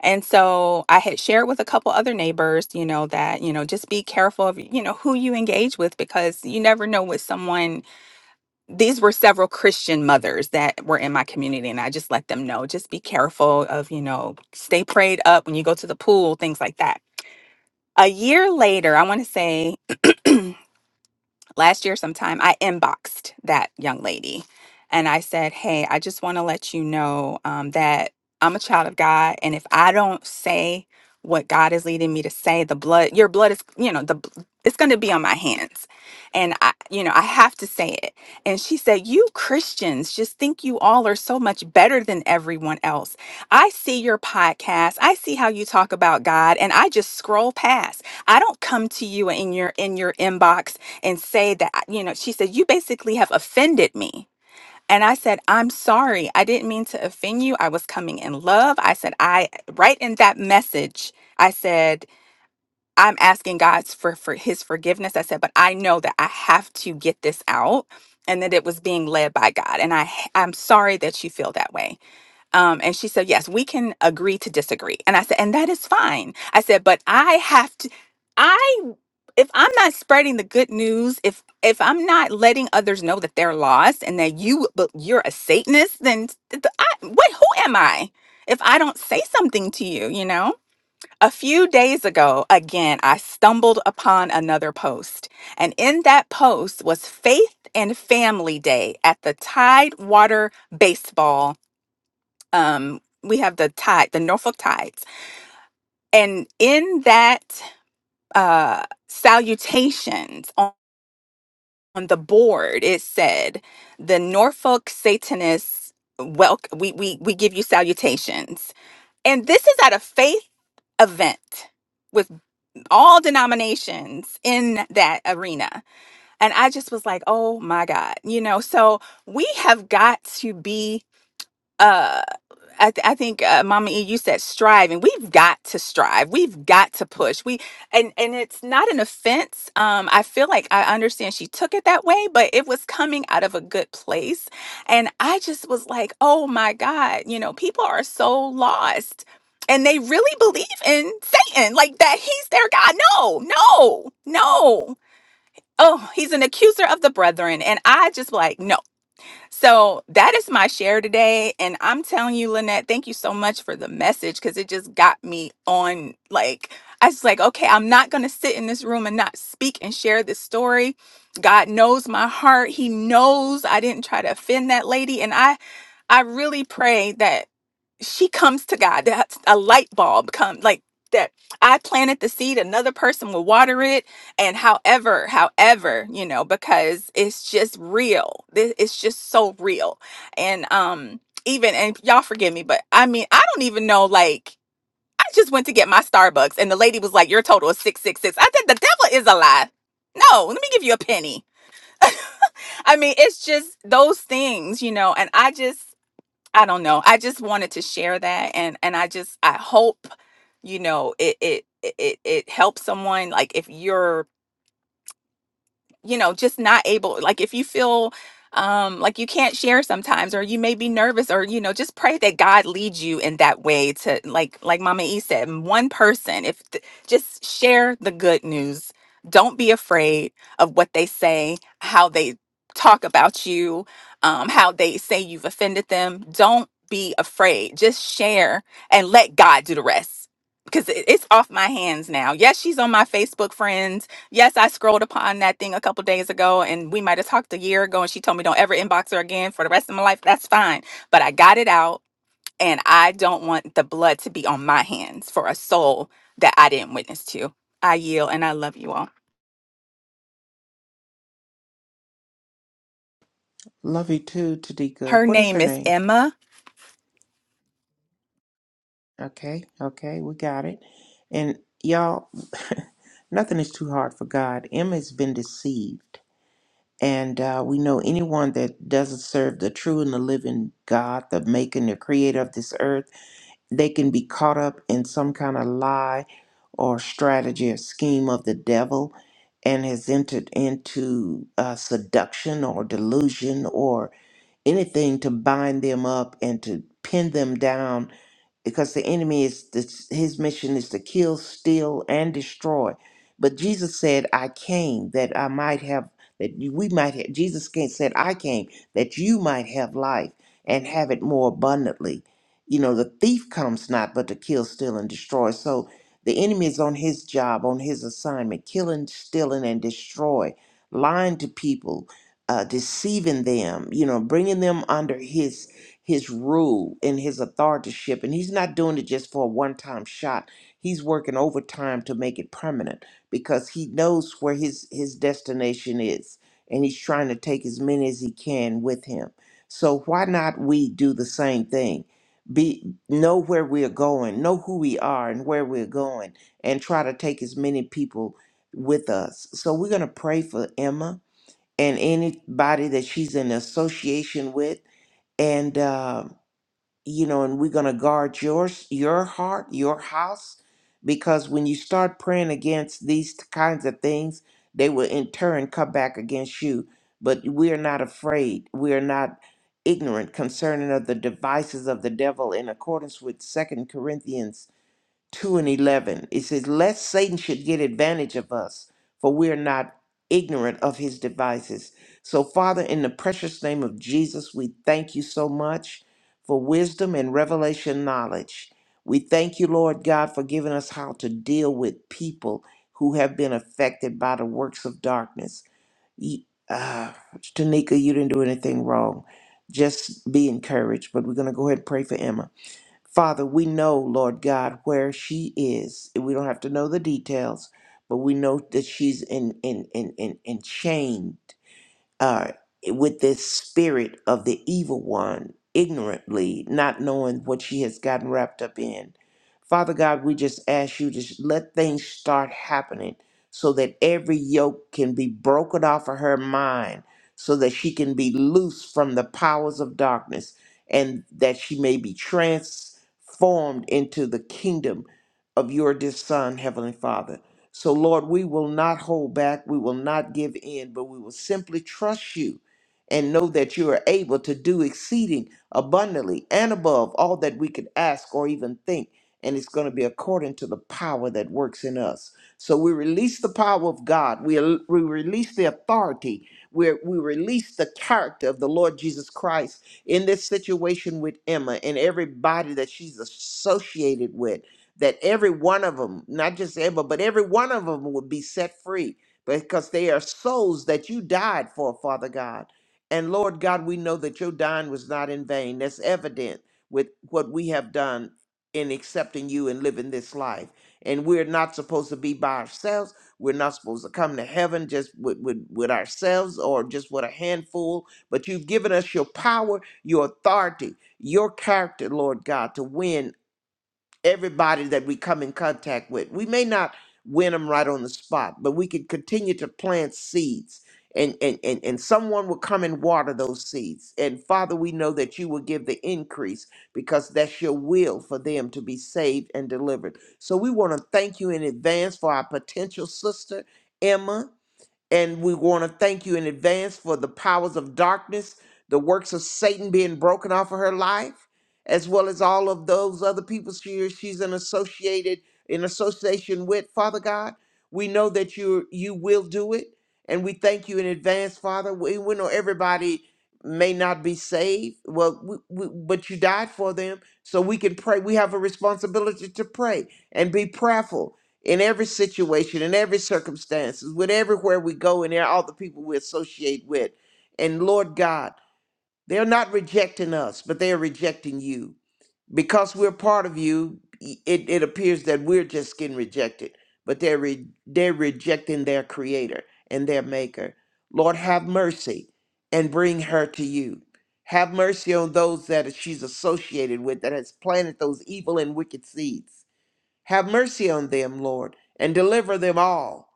And so I had shared with a couple other neighbors, you know, that, you know, just be careful of, you know, who you engage with because you never know what someone, these were several Christian mothers that were in my community. And I just let them know, just be careful of, you know, stay prayed up when you go to the pool, things like that. A year later, I want to say last year sometime i inboxed that young lady and i said hey i just want to let you know um, that i'm a child of god and if i don't say what god is leading me to say the blood your blood is you know the bl- it's going to be on my hands and i you know i have to say it and she said you christians just think you all are so much better than everyone else i see your podcast i see how you talk about god and i just scroll past i don't come to you in your in your inbox and say that, you know, she said, You basically have offended me. And I said, I'm sorry. I didn't mean to offend you. I was coming in love. I said, I, right in that message, I said, I'm asking God for, for his forgiveness. I said, but I know that I have to get this out and that it was being led by God. And I, I'm sorry that you feel that way. Um, and she said, Yes, we can agree to disagree. And I said, And that is fine. I said, But I have to, I, if I'm not spreading the good news, if, if I'm not letting others know that they're lost and that you, but you're a Satanist, then th- th- I, what, who am I if I don't say something to you, you know? A few days ago, again, I stumbled upon another post. And in that post was Faith and Family Day at the Tidewater Baseball um we have the tide the norfolk tides and in that uh salutations on, on the board it said the norfolk satanists well we, we we give you salutations and this is at a faith event with all denominations in that arena and i just was like oh my god you know so we have got to be uh. I, th- I think uh, Mama E, you said striving. We've got to strive. We've got to push. We and and it's not an offense. Um, I feel like I understand she took it that way, but it was coming out of a good place, and I just was like, oh my God, you know, people are so lost, and they really believe in Satan, like that he's their God. No, no, no. Oh, he's an accuser of the brethren, and I just like no. So that is my share today. And I'm telling you, Lynette, thank you so much for the message because it just got me on. Like, I was like, okay, I'm not going to sit in this room and not speak and share this story. God knows my heart. He knows I didn't try to offend that lady. And I I really pray that she comes to God, that a light bulb come like that I planted the seed, another person will water it. And however, however, you know, because it's just real. Thi- It's just so real. And um, even and y'all forgive me, but I mean, I don't even know like I just went to get my Starbucks and the lady was like, Your total is six six six. I said the devil is a lie. No, let me give you a penny. I mean, it's just those things, you know, and I just I don't know. I just wanted to share that and and I just I hope you know it it it it helps someone like if you're you know just not able like if you feel um like you can't share sometimes or you may be nervous or you know just pray that god leads you in that way to like like mama e said one person if th- just share the good news don't be afraid of what they say how they talk about you um how they say you've offended them don't be afraid just share and let god do the rest because it- it's off my hands now yes she's on my facebook friends Yes, I scrolled upon that thing a couple days ago, and we might have talked a year ago, and she told me don't ever inbox her again for the rest of my life. That's fine. But I got it out, and I don't want the blood to be on my hands for a soul that I didn't witness to. I yield, and I love you all.
Love you too, Tanika.
Her
What is her
name is
name?
Emma.
Okay, okay, we got it. And y'all, nothing is too hard for God. Emma's been deceived. And uh, we know anyone that doesn't serve the true and the living God, the maker and the creator of this earth, they can be caught up in some kind of lie or strategy or scheme of the devil and has entered into uh, seduction or delusion or anything to bind them up and to pin them down because the enemy is this, his mission is to kill, steal, and destroy. But Jesus said, "I came that I might have that you- we might have." Jesus came, said, "I came that you might have life and have it more abundantly." You know, the thief comes not but to kill, steal, and destroy. So the enemy is on his job, on his assignment, killing, stealing, and destroy, lying to people, uh, deceiving them. You know, bringing them under his his rule and his authorship. And he's not doing it just for a one time shot. He's working overtime to make it permanent because he knows where his, his destination is and he's trying to take as many as he can with him. So why not we do the same thing? Be know where we're going, know who we are and where we're going, and try to take as many people with us. So we're gonna pray for Emma and anybody that she's in association with and uh, you know, and we're going to guard yours, your heart, your house, because when you start praying against these t- kinds of things, they will in turn come back against you. But we are not afraid. We are not ignorant concerning of the devices of the devil in accordance with Second Corinthians 2 and 11. It says, Lest Satan should get advantage of us, for we are not ignorant of his devices. So, Father, in the precious name of Jesus, we thank you so much for wisdom and revelation knowledge. We thank you, Lord God, for giving us how to deal with people who have been affected by the works of darkness. Ye- Uh, Tanika, you didn't do anything wrong. Just be encouraged. But we're going to go ahead and pray for Emma. Father, we know, Lord God, where she is. We don't have to know the details, but we know that she's in in in in, in chains uh, with this spirit of the evil one ignorantly, not knowing what she has gotten wrapped up in. Father God, we just ask you to s- let things start happening so that every yoke can be broken off of her mind, so that she can be loose from the powers of darkness, and that she may be transformed into the kingdom of your dear Son, Heavenly Father. So, Lord, we will not hold back. We will not give in, but we will simply trust you and know that you are able to do exceeding abundantly and above all that we could ask or even think. And it's going to be according to the power that works in us. So we release the power of God. We, we release the authority. We, we release the character of the Lord Jesus Christ in this situation with Emma and everybody that she's associated with that every one of them, not just Abel, but every one of them would be set free because they are souls that you died for, Father God. And Lord God, we know that your dying was not in vain. That's evident with what we have done in accepting you and living this life. And we're not supposed to be by ourselves. We're not supposed to come to heaven just with, with, with ourselves or just with a handful, but you've given us your power, your authority, your character, Lord God, to win everybody that we come in contact with. We may not win them right on the spot, but we can continue to plant seeds and, and, and, and someone will come and water those seeds. And Father, we know that you will give the increase because that's your will for them to be saved and delivered. So we want to thank you in advance for our potential sister, Emma. And we want to thank you in advance for the powers of darkness, the works of Satan being broken off of her life, as well as all of those other people she, she's in associated in association with, Father God. We know that you you will do it. And we thank you in advance, Father. We, we know everybody may not be saved. Well, we, we, but you died for them. So we can pray. We have a responsibility to pray and be prayerful in every situation, in every circumstances, with everywhere we go, and there all the people we associate with. And Lord God, they're not rejecting us, but they are rejecting you. Because we're part of you, y- it, it appears that we're just getting rejected, but they're re- they're rejecting their creator and their maker. Lord, have mercy and bring her to you. Have mercy on those that she's associated with that has planted those evil and wicked seeds have mercy on them, Lord, and deliver them all.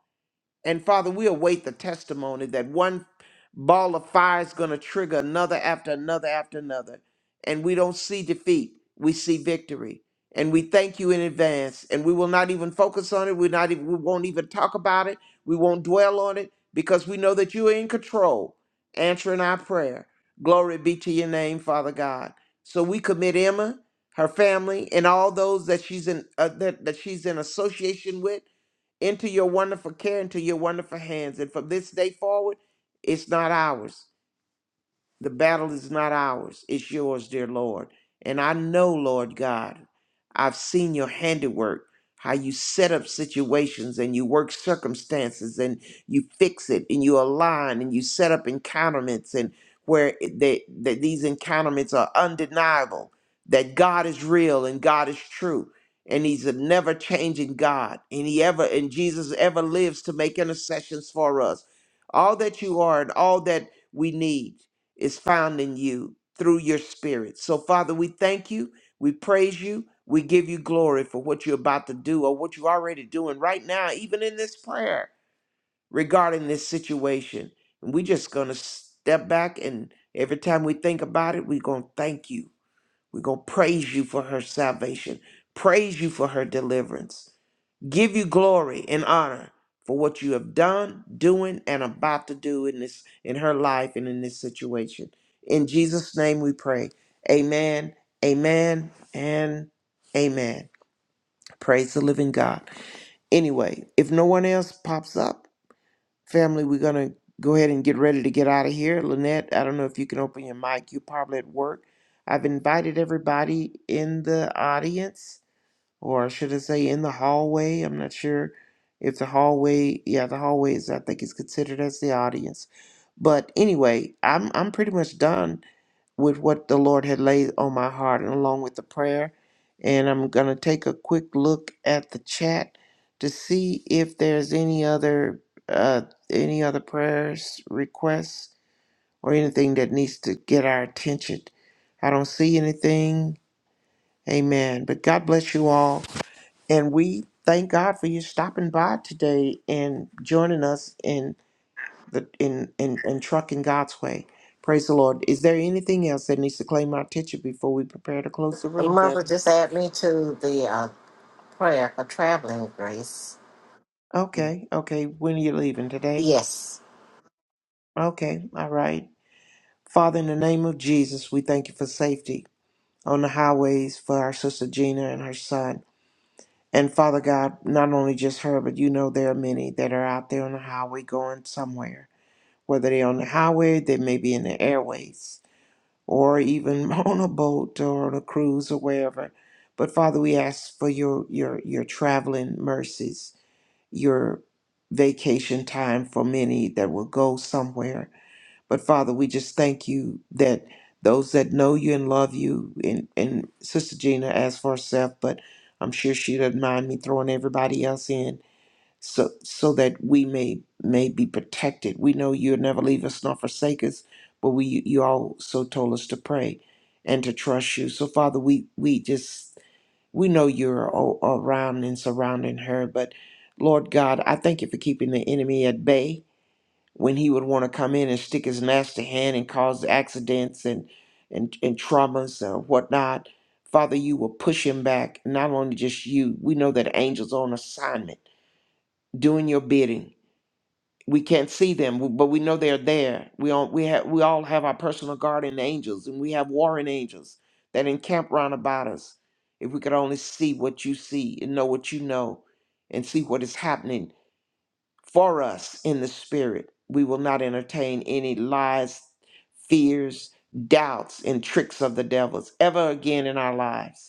And Father, we await the testimony that one ball of fire is going to trigger another after another after another. And we don't see defeat, we see victory. And we thank you in advance. And we will not even focus on it. We're not even, we won't even talk about it. We won't dwell on it because we know that you are in control, answering our prayer. Glory be to your name, Father God. So we commit Emma, her family, and all those that she's in uh, that, that she's in association with into your wonderful care, into your wonderful hands. And from this day forward, it's not ours. The battle is not ours, it's yours, dear Lord. And I know, Lord God, I've seen your handiwork, how you set up situations and you work circumstances and you fix it and you align and you set up encounterments and where it- that that these encounterments are undeniable, that God is real and God is true. And he's a never changing God. And he ever and Jesus ever lives to make intercessions for us. All that you are and all that we need is found in you through your spirit. So, Father, we thank you. We praise you. We give you glory for what you're about to do or what you're already doing right now, even in this prayer regarding this situation. And we're just going to step back and every time we think about it, we're going to thank you. We're going to praise you for her salvation, praise you for her deliverance give you glory and honor for what you have done, doing, and about to do in this in her life and in this situation. In Jesus' name we pray. Amen. Amen and amen. Praise the living God. Anyway, if no one else pops up, family, we're gonna go ahead and get ready to get out of here. Lynette, I don't know if you can open your mic. You're probably at work. I've invited everybody in the audience or should I say in the hallway? I'm not sure if the hallway, yeah, the hallway is, I think, is considered as the audience. But anyway, I'm I'm pretty much done with what the Lord had laid on my heart, and along with the prayer, and I'm gonna take a quick look at the chat to see if there's any other uh, any other prayers requests or anything that needs to get our attention. I don't see anything. Amen. But God bless you all. And we thank God for you stopping by today and joining us in the in in, in trucking God's way. Praise the Lord. Is there anything else that needs to claim our attention before we prepare to close the room,
Mother,
family?
just add me to the uh, prayer for traveling grace.
Okay, okay. When are you leaving today?
Yes.
Okay, all right. Father, in the name of Jesus, we thank you for safety on the highways for our sister Gina and her son. And Father God, not only just her, but you know there are many that are out there on the highway going somewhere. whether they're on the highway, they may be in the airways, or even on a boat or on a cruise or wherever. But Father, we ask for your your your traveling mercies, your vacation time for many that will go somewhere. But Father, we just thank you that those that know you and love you, and, and Sister Gina asked for herself, but I'm sure she doesn't mind me throwing everybody else in so so that we may may be protected. We know you'll never leave us nor forsake us, but we you also told us to pray and to trust you. So Father, we we just we know you're all around and surrounding her, but Lord God, I thank you for keeping the enemy at bay when he would want to come in and stick his nasty hand and cause accidents and and, and traumas or whatnot. Father, you will push him back. Not only just you, we know that angels are on assignment doing your bidding we can't see them, w- but we know they're there. We all we have we all have our personal guardian angels, and we have warring angels that encamp round about us. If we could only see what you see and know what you know, and see what is happening for us in the spirit, we will not entertain any lies, fears, doubts, and tricks of the devils ever again in our lives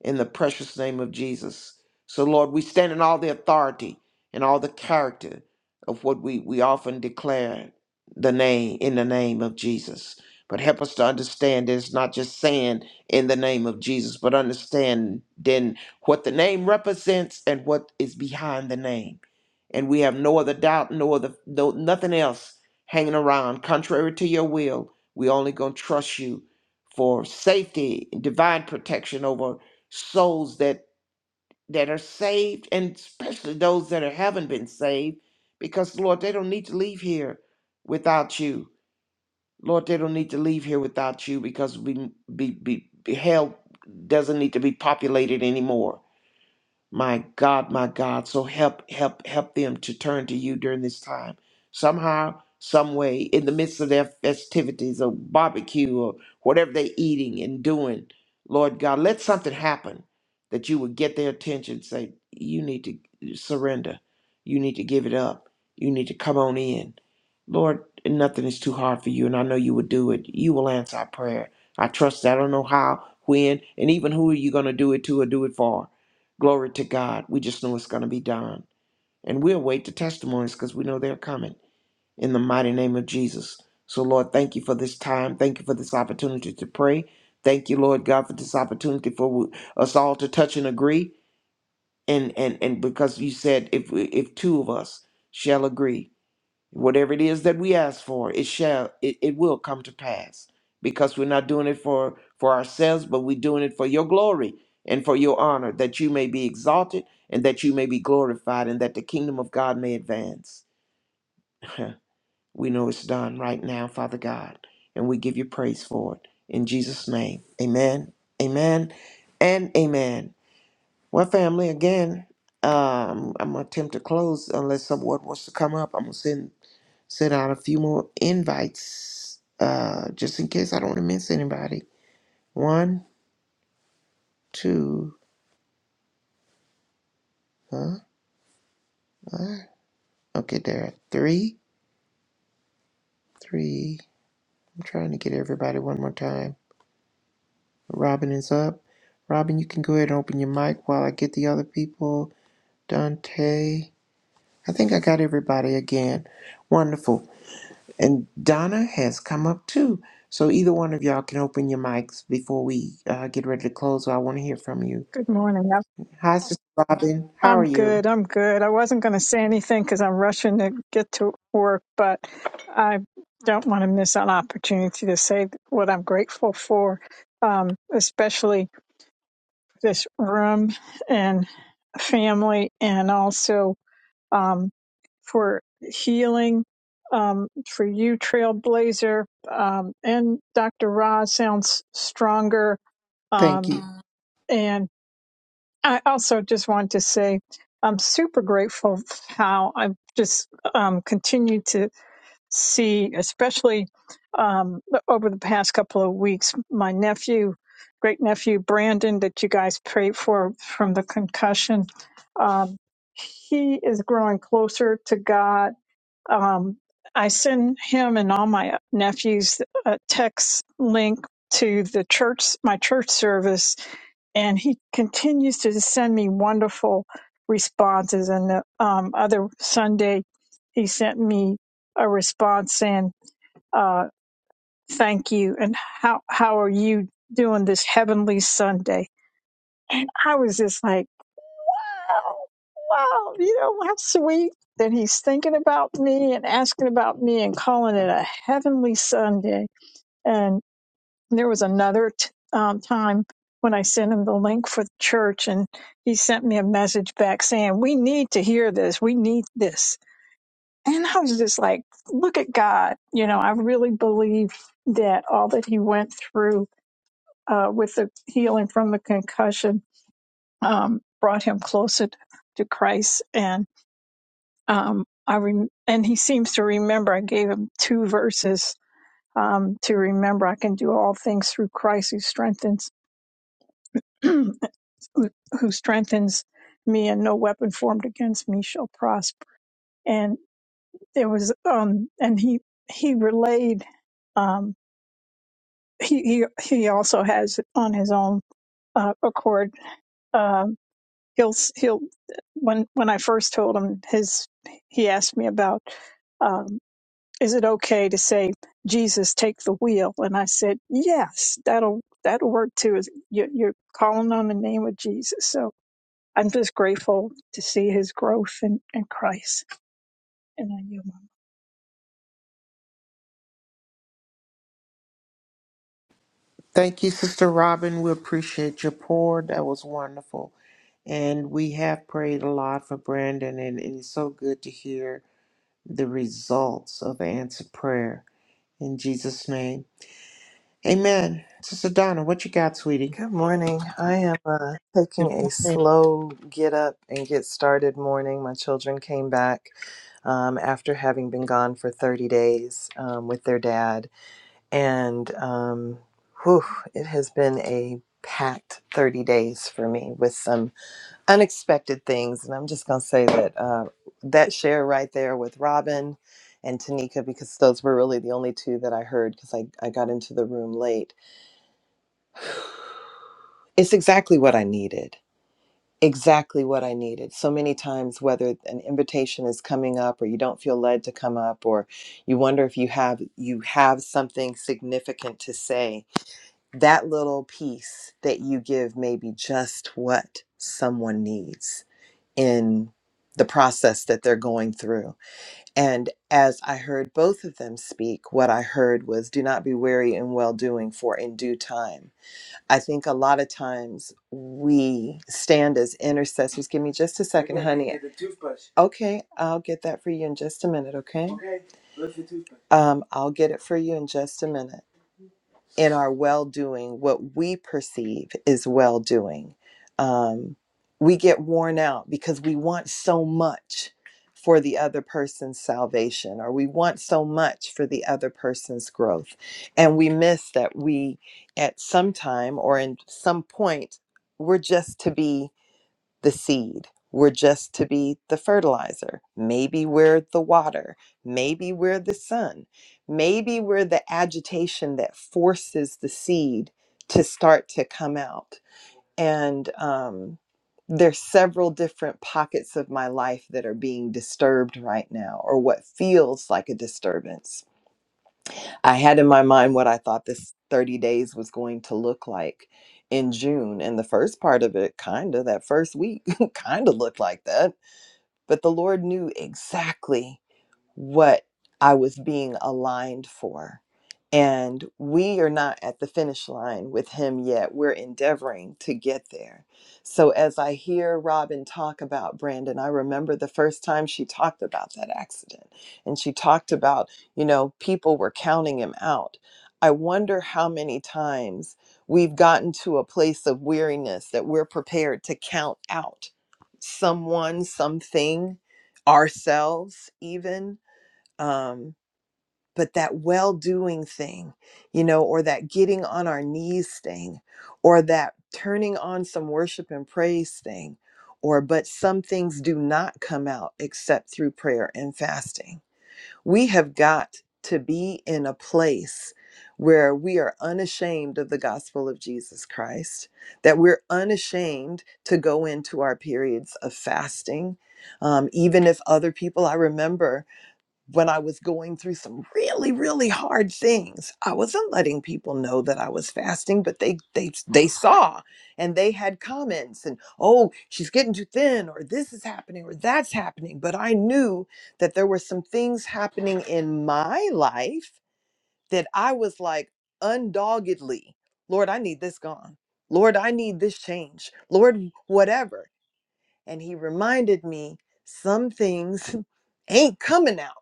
in the precious name of Jesus. So, Lord, we stand in all the authority and all the character of what we, we often declare the name in the name of Jesus. But help us to understand that it's not just saying in the name of Jesus, but understand then what the name represents and what is behind the name. And we have no other doubt, no other no nothing else hanging around. Contrary to your will, we only gonna trust you for safety and divine protection over souls that that are saved and especially those that are, haven't been saved because lord they don't need to leave here without you lord they don't need to leave here without you because we be, be, be hell doesn't need to be populated anymore my God, my God. So help, help, help them to turn to you during this time. Somehow, some way, in the midst of their festivities or barbecue or whatever they're eating and doing, Lord God, let something happen that you would get their attention. Say, you need to surrender. You need to give it up. You need to come on in. Lord, nothing is too hard for you, and I know you would do it. You will answer our prayer. I trust. that. I don't know how, when, and even who are you going to do it to or do it for Glory to God. We just know it's going to be done. And we await the testimonies because we know they're coming in the mighty name of Jesus. So, Lord, thank you for this time. Thank you for this opportunity to pray. Thank you, Lord God, for this opportunity for us all to touch and agree. And and and because you said if if two of us shall agree, whatever it is that we ask for it shall it, it will come to pass because we're not doing it for for ourselves but we're doing it for your glory and for your honor that you may be exalted and that you may be glorified and that the kingdom of god may advance we know it's done right now father god and we give you praise for it in jesus name amen amen and amen well family again um, i'm gonna attempt to close unless someone wants to come up i'm gonna send sent out a few more invites uh, just in case I don't want to miss anybody. One, two, huh? What? Okay, there are three, three. I'm trying to get everybody one more time. Robin is up. Robin, you can go ahead and open your mic while I get the other people. Dante. I think I got everybody again. Wonderful. And Donna has come up too. So either one of y'all can open your mics before we uh, get ready to close. I want to hear from you.
Good morning. I'm
Hi, Sister Robin. How are
I'm
you?
good. I'm good. I wasn't going to say anything because I'm rushing to get to work, but I don't want to miss an opportunity to say what I'm grateful for, um, especially this room and family, and also um, for healing, um, for you, Trailblazer, um, and Dr. Ra sounds stronger.
Thank you.
Um, I also just want to say I'm super grateful f- how I've just um, continued to see, especially um, over the past couple of weeks, my nephew, great nephew Brandon, that you guys prayed for from the concussion. Um, he is growing closer to God um, I send him and all my nephews a text link to the church, my church service, and he continues to send me wonderful responses. And the um, other Sunday, he sent me a response saying, uh, "Thank you," and how how are you doing this heavenly Sunday? And I was just like wow, wow, you know, how sweet that he's thinking about me and asking about me and calling it a heavenly Sunday. And there was another t- um, time when I sent him the link for the church, and he sent me a message back saying, We need to hear this. We need this. And I was just like, Look at God. You know, I really believe that all that he went through uh, with the healing from the concussion um, brought him closer to Christ. And um, I rem- and he seems to remember. I gave him two verses um, to remember. I can do all things through Christ who strengthens who, who strengthens me, and no weapon formed against me shall prosper. And there was um, and he he relayed. Um, he he he also has on his own uh, accord. Um, he'll he'll when when I first told him his he asked me about. Um. is it okay to say jesus take the wheel and i said yes that'll that'll work too is you- you're calling on the name of jesus so i'm just grateful to see his growth in, in christ and i yield my
Thank you, Sister Robin. We appreciate your pour. That was wonderful. And we have prayed a lot for Brandon, and it is so good to hear the results of answered prayer. In Jesus' name. Amen. Sister Donna, what you got, sweetie?
Good morning. I am uh,
Good
taking a
morning.
slow get up and get started morning. My children came back um, after having been gone for 30 days um, with their dad. And um, whew, it has been a packed 30 days for me with some unexpected things. And I'm just going to say that uh, that share right there with Robin and Tanika, because those were really the only two that I heard because I, I got into the room late, it's exactly what I needed exactly what I needed. So many times, whether an invitation is coming up, or you don't feel led to come up, or you wonder if you have you have something significant to say, that little piece that you give may be just what someone needs in the process that they're going through. And as I heard both of them speak, what I heard was do not be weary in well doing, for in due time. I think a lot of times we stand as intercessors. Give me just a second, honey. Get the toothbrush. Okay, I'll get that for you in just a minute, okay? Okay. Um, I'll get it for you in just a minute. in our well doing, what we perceive is well doing. Um, we get worn out because we want so much for the other person's salvation, or we want so much for the other person's growth. And we miss that we, at some time or in some point, we're just to be the seed. We're just to be the fertilizer. Maybe we're the water. Maybe we're the sun. Maybe we're the agitation that forces the seed to start to come out. And um, there's several different pockets of my life that are being disturbed right now, or what feels like a disturbance I had in my mind what I thought this 30 days was going to look like in June. And the first part of it, kind of, that first week, kind of looked like that. But the Lord knew exactly what I was being aligned for. And we are not at the finish line with him yet. We're endeavoring to get there. So, as I hear Robin talk about Brandon, I remember the first time she talked about that accident and she talked about, you know, people were counting him out. I wonder how many times we've gotten to a place of weariness that we're prepared to count out someone, something, ourselves, even um, but that well doing thing, you know, or that getting on our knees thing, or that turning on some worship and praise thing, or but some things do not come out except through prayer and fasting. We have got to be in a place where we are unashamed of the gospel of Jesus Christ, that we're unashamed to go into our periods of fasting. Um, even if other people, I remember when I was going through some really, really hard things, I wasn't letting people know that I was fasting, but they they they saw and they had comments and oh, she's getting too thin, or this is happening, or that's happening. But I knew that there were some things happening in my life that I was like undoggedly, Lord, I need this gone. Lord, I need this change. Lord, whatever. And he reminded me some things ain't coming out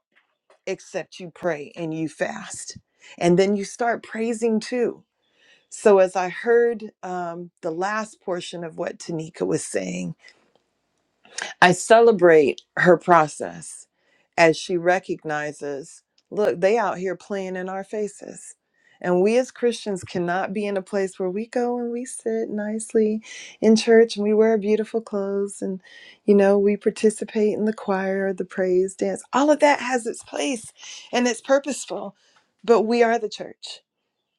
except you pray and you fast. And then you start praising too. So, as I heard um, the last portion of what Tanika was saying, I celebrate her process as she recognizes, look, they out here playing in our faces. And we as Christians cannot be in a place where we go and we sit nicely in church and we wear beautiful clothes and, you know, we participate in the choir, the praise dance. All of that has its place and it's purposeful, but we are the church.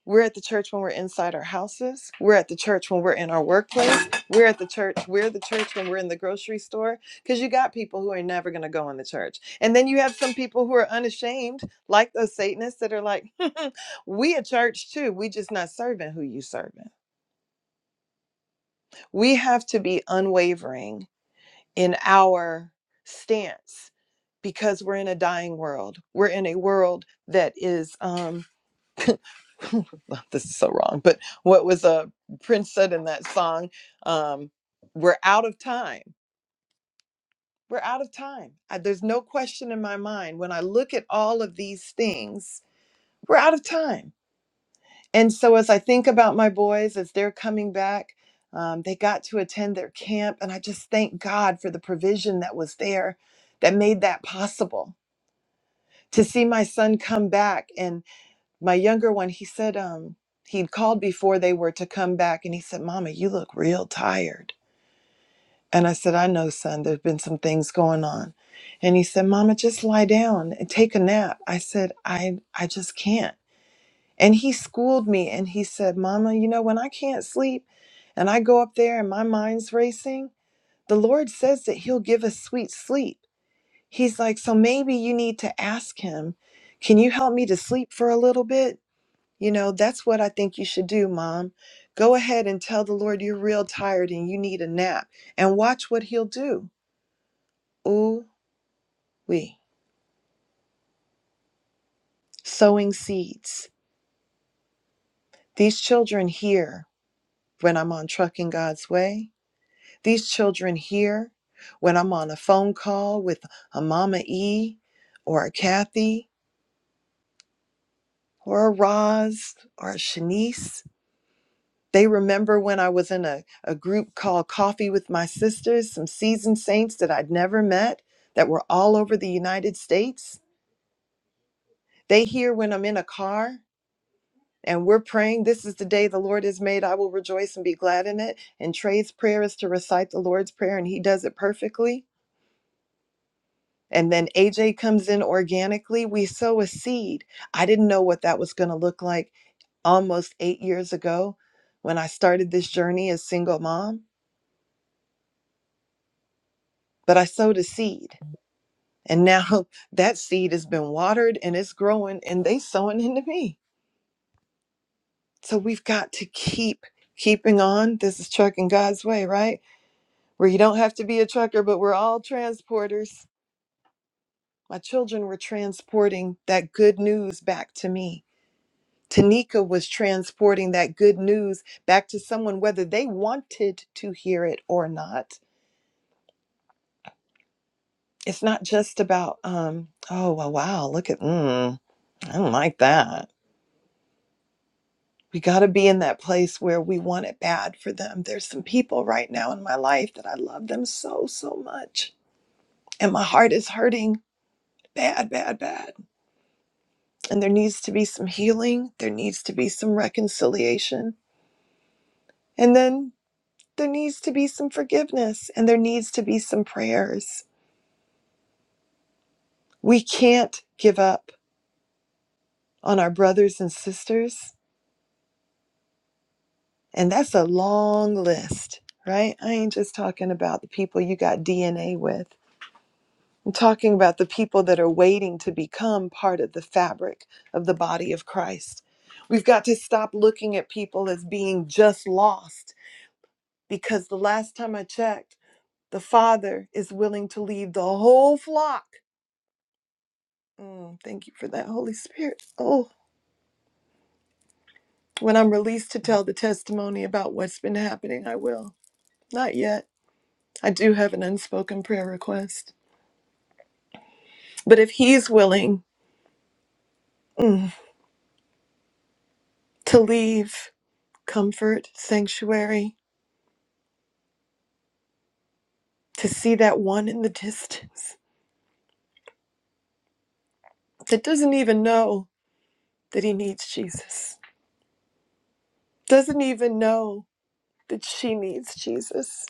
We're at the church when we're inside our houses. We're at the church when we're in our workplace. We're at the church. We're the church when we're in the grocery store. Because you got people who are never going to go in the church. And then you have some people who are unashamed, like those Satanists that are like, we a church too. We just not serving who you serving. We have to be unwavering in our stance because we're in a dying world. We're in a world that is. um, this is so wrong, but what was uh, Prince said in that song, um, we're out of time. We're out of time. I, there's no question in my mind when I look at all of these things, we're out of time. And so as I think about my boys as they're coming back, um, they got to attend their camp, and I just thank God for the provision that was there that made that possible. To see my son come back my younger one he said um he'd called before they were to come back and he said mama you look real tired and i said i know son there's been some things going on and he said mama just lie down and take a nap i said i i just can't and he schooled me and he said mama you know when i can't sleep and i go up there and my mind's racing the lord says that he'll give us sweet sleep he's like so maybe you need to ask him can you help me to sleep for a little bit you know, that's what I think you should do, mom. Go ahead and tell the Lord you're real tired and you need a nap and watch what he'll do. Ooh, we. Sowing seeds. These children here when I'm on Trucking God's Way. These children here when I'm on a phone call with a Mama E or a Kathy or a Roz or a Shanice They remember when I was in a, a group called Coffee with My Sisters, some seasoned saints that I'd never met that were all over the United States. They hear when I'm in a car and we're praying, This is the day the Lord has made. I will rejoice and be glad in it. And Trey's prayer is to recite the Lord's Prayer, and he does it perfectly. And then AJ comes in organically. We sow a seed. I didn't know what that was going to look like almost eight years ago when I started this journey as single mom, but I sowed a seed And now that seed has been watered and it's growing and they sowing into me. So we've got to keep keeping on. This is trucking God's way, right? Where you don't have to be a trucker, but we're all transporters. My children were transporting that good news back to me. Tanika was transporting that good news back to someone, whether they wanted to hear it or not. It's not just about, um, oh, well, wow, look at, mm, I don't like that We got to be in that place where we want it bad for them. There's some people right now in my life that I love them so, so much. And my heart is hurting bad, bad, bad. And there needs to be some healing. There needs to be some reconciliation. And then there needs to be some forgiveness and there needs to be some prayers. We can't give up on our brothers and sisters. And that's a long list, right? I ain't just talking about the people you got DNA with. I'm talking about the people that are waiting to become part of the fabric of the body of Christ. We've got to stop looking at people as being just lost because the last time I checked, the Father is willing to leave the whole flock. Mm, thank you for that, Holy Spirit. Oh, when I'm released to tell the testimony about what's been happening, I will. Not yet. I do have an unspoken prayer request. But if He's willing mm, to leave comfort, sanctuary, to see that one in the distance that doesn't even know that he needs Jesus, doesn't even know that she needs Jesus,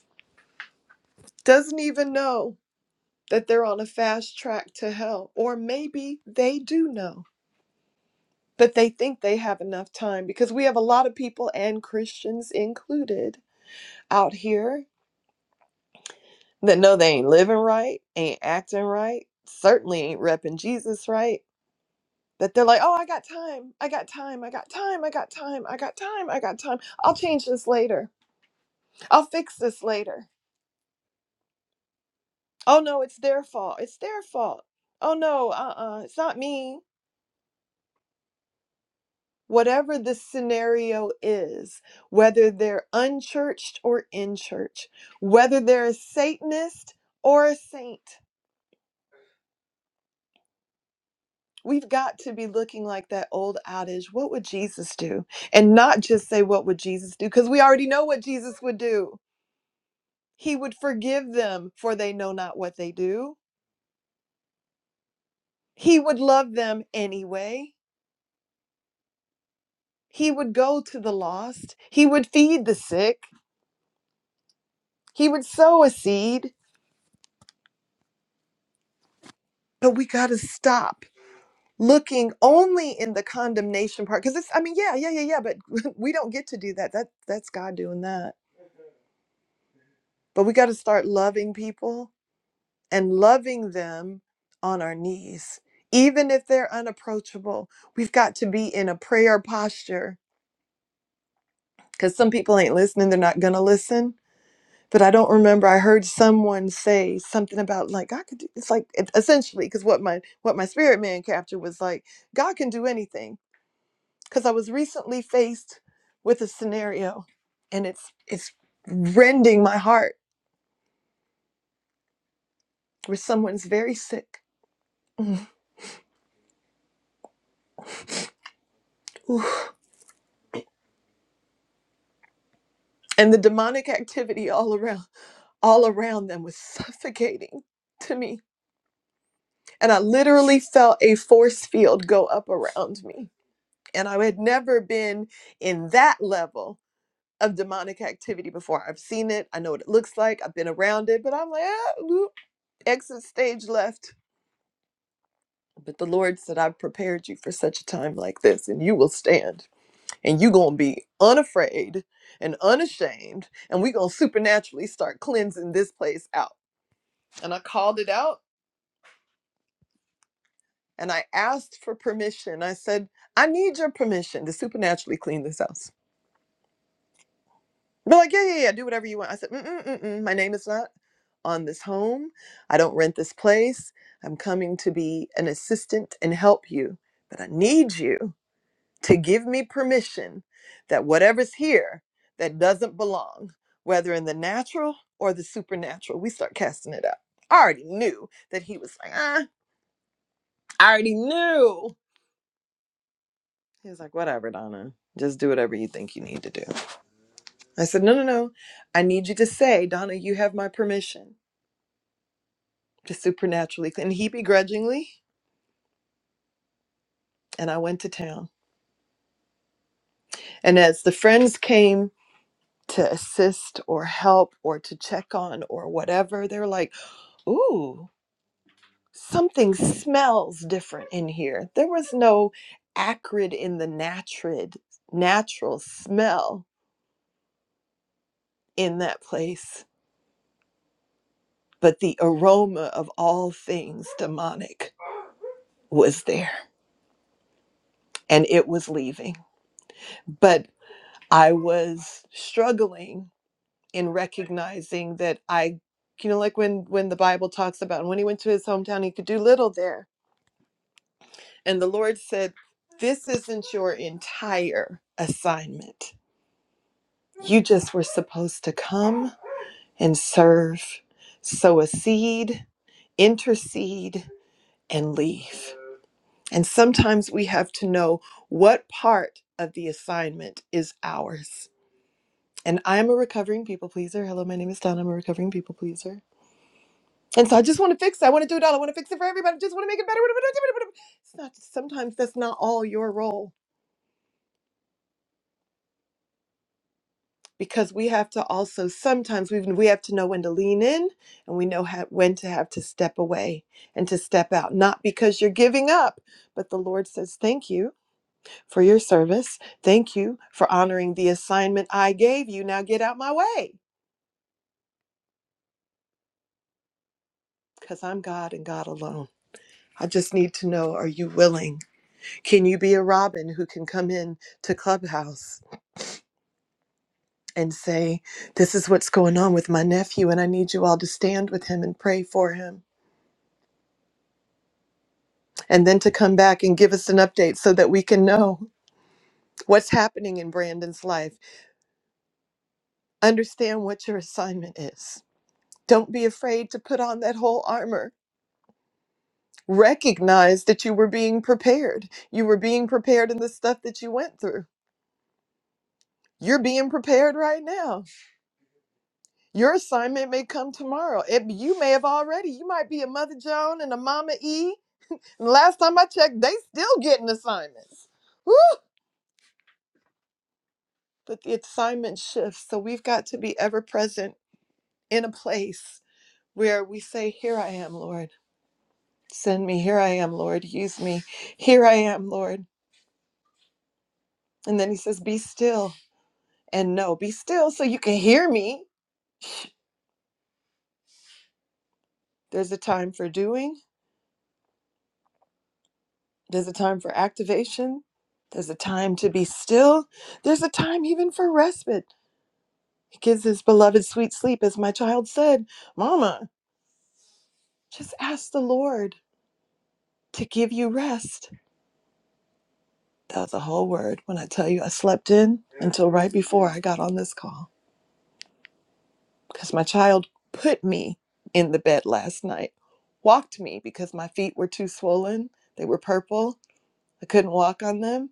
doesn't even know that they're on a fast track to hell. Or maybe they do know, but they think they have enough time because we have a lot of people and Christians included out here that know they ain't living right, ain't acting right, certainly ain't repping Jesus right that they're like, oh, I got time. I got time. I got time. I got time. I got time. I got time. I'll change this later. I'll fix this later. Oh, no, it's their fault. It's their fault. Oh, no, uh uh, it's not me. Whatever the scenario is, whether they're unchurched or in church, whether they're a Satanist or a saint, we've got to be looking like that old adage what would Jesus do? And not just say, what would Jesus do? Because we already know what Jesus would do He would forgive them, for they know not what they do. He would love them anyway. He would go to the lost. He would feed the sick. He would sow a seed. But we got to stop looking only in the condemnation part because it's i mean yeah yeah yeah yeah but we don't get to do that that that's god doing that but we got to start loving people and loving them on our knees even if they're unapproachable we've got to be in a prayer posture because some people ain't listening they're not gonna listen but i don't remember i heard someone say something about like god could do it's like it- essentially because what my what my spirit man captured was like god can do anything because i was recently faced with a scenario and it's it's rending my heart where someone's very sick Mm. Oof. and the demonic activity all around all around them was suffocating to me and i literally felt a force field go up around me And I had never been in that level of demonic activity before. I've seen it, I know what it looks like, I've been around it, but I'm like, ah, whoop, exit stage left. But the Lord said, I've prepared you for such a time like this, and you will stand, and you going to be unafraid and unashamed, and we going to supernaturally start cleansing this place out. And I called it out, and I asked for permission. I said, I need your permission to supernaturally clean this house. They're like, yeah, yeah, yeah, do whatever you want. I said, mm-mm, mm-mm, my name is not on this home. I don't rent this place. I'm coming to be an assistant and help you, but I need you to give me permission that whatever's here that doesn't belong, whether in the natural or the supernatural, we start casting it out. I already knew that he was like, ah, I already knew. He was like, whatever, Donna, just do whatever you think you need to do. I said, no, no, no. I need you to say, Donna, you have my permission. just supernaturally. And he begrudgingly, and I went to town. And as the friends came to assist or help or to check on or whatever, they're like, ooh, something smells different in here. There was no acrid in the natural natural smell in that place, but the aroma of all things demonic was there and it was leaving. But I was struggling in recognizing that I, you know, like when when the Bible talks about when he went to his hometown, he could do little there, and the Lord said, "This isn't your entire assignment. You just were supposed to come and serve, sow a seed, intercede, and leave." And sometimes we have to know what part of the assignment is ours. And I'm a recovering people pleaser. Hello, my name is Donna. I'm a recovering people pleaser. And so I just want to fix it. I want to do it all. I want to fix it for everybody. I just want to make it better. It's not sometimes that's not all your role because we have to also sometimes we we have to know when to lean in and we know how, when to have to step away and to step out. Not because you're giving up, but the Lord says, "Thank you for your service. Thank you for honoring the assignment I gave you. Now get out my way because I'm God and God alone." I just need to know, are you willing? Can you be a Robin who can come in to Clubhouse and say, This is what's going on with my nephew, and I need you all to stand with him and pray for him. And then to come back and give us an update so that we can know what's happening in Brandon's life. Understand what your assignment is. Don't be afraid to put on that whole armor. Recognize that you were being prepared. You were being prepared in the stuff that you went through. You're being prepared right now. Your assignment may come tomorrow. It, you may have already. You might be a Mother Joan and a Mama E And last time I checked, they still getting assignments. Woo! But the assignment shifts, so we've got to be ever present in a place where we say, "Here I am, Lord. Send me. Here I am, Lord. Use me. Here I am, Lord." And then He says, "Be still and know. Be still, so you can hear me." There's a time for doing. There's a time for activation. There's a time to be still. There's a time even for respite. He gives his beloved sweet sleep, as my child said. Mama, Just ask the Lord to give you rest. That was a whole word when I tell you I slept in until right before I got on this call because my child put me in the bed last night, walked me because my feet were too swollen. They were purple. I couldn't walk on them.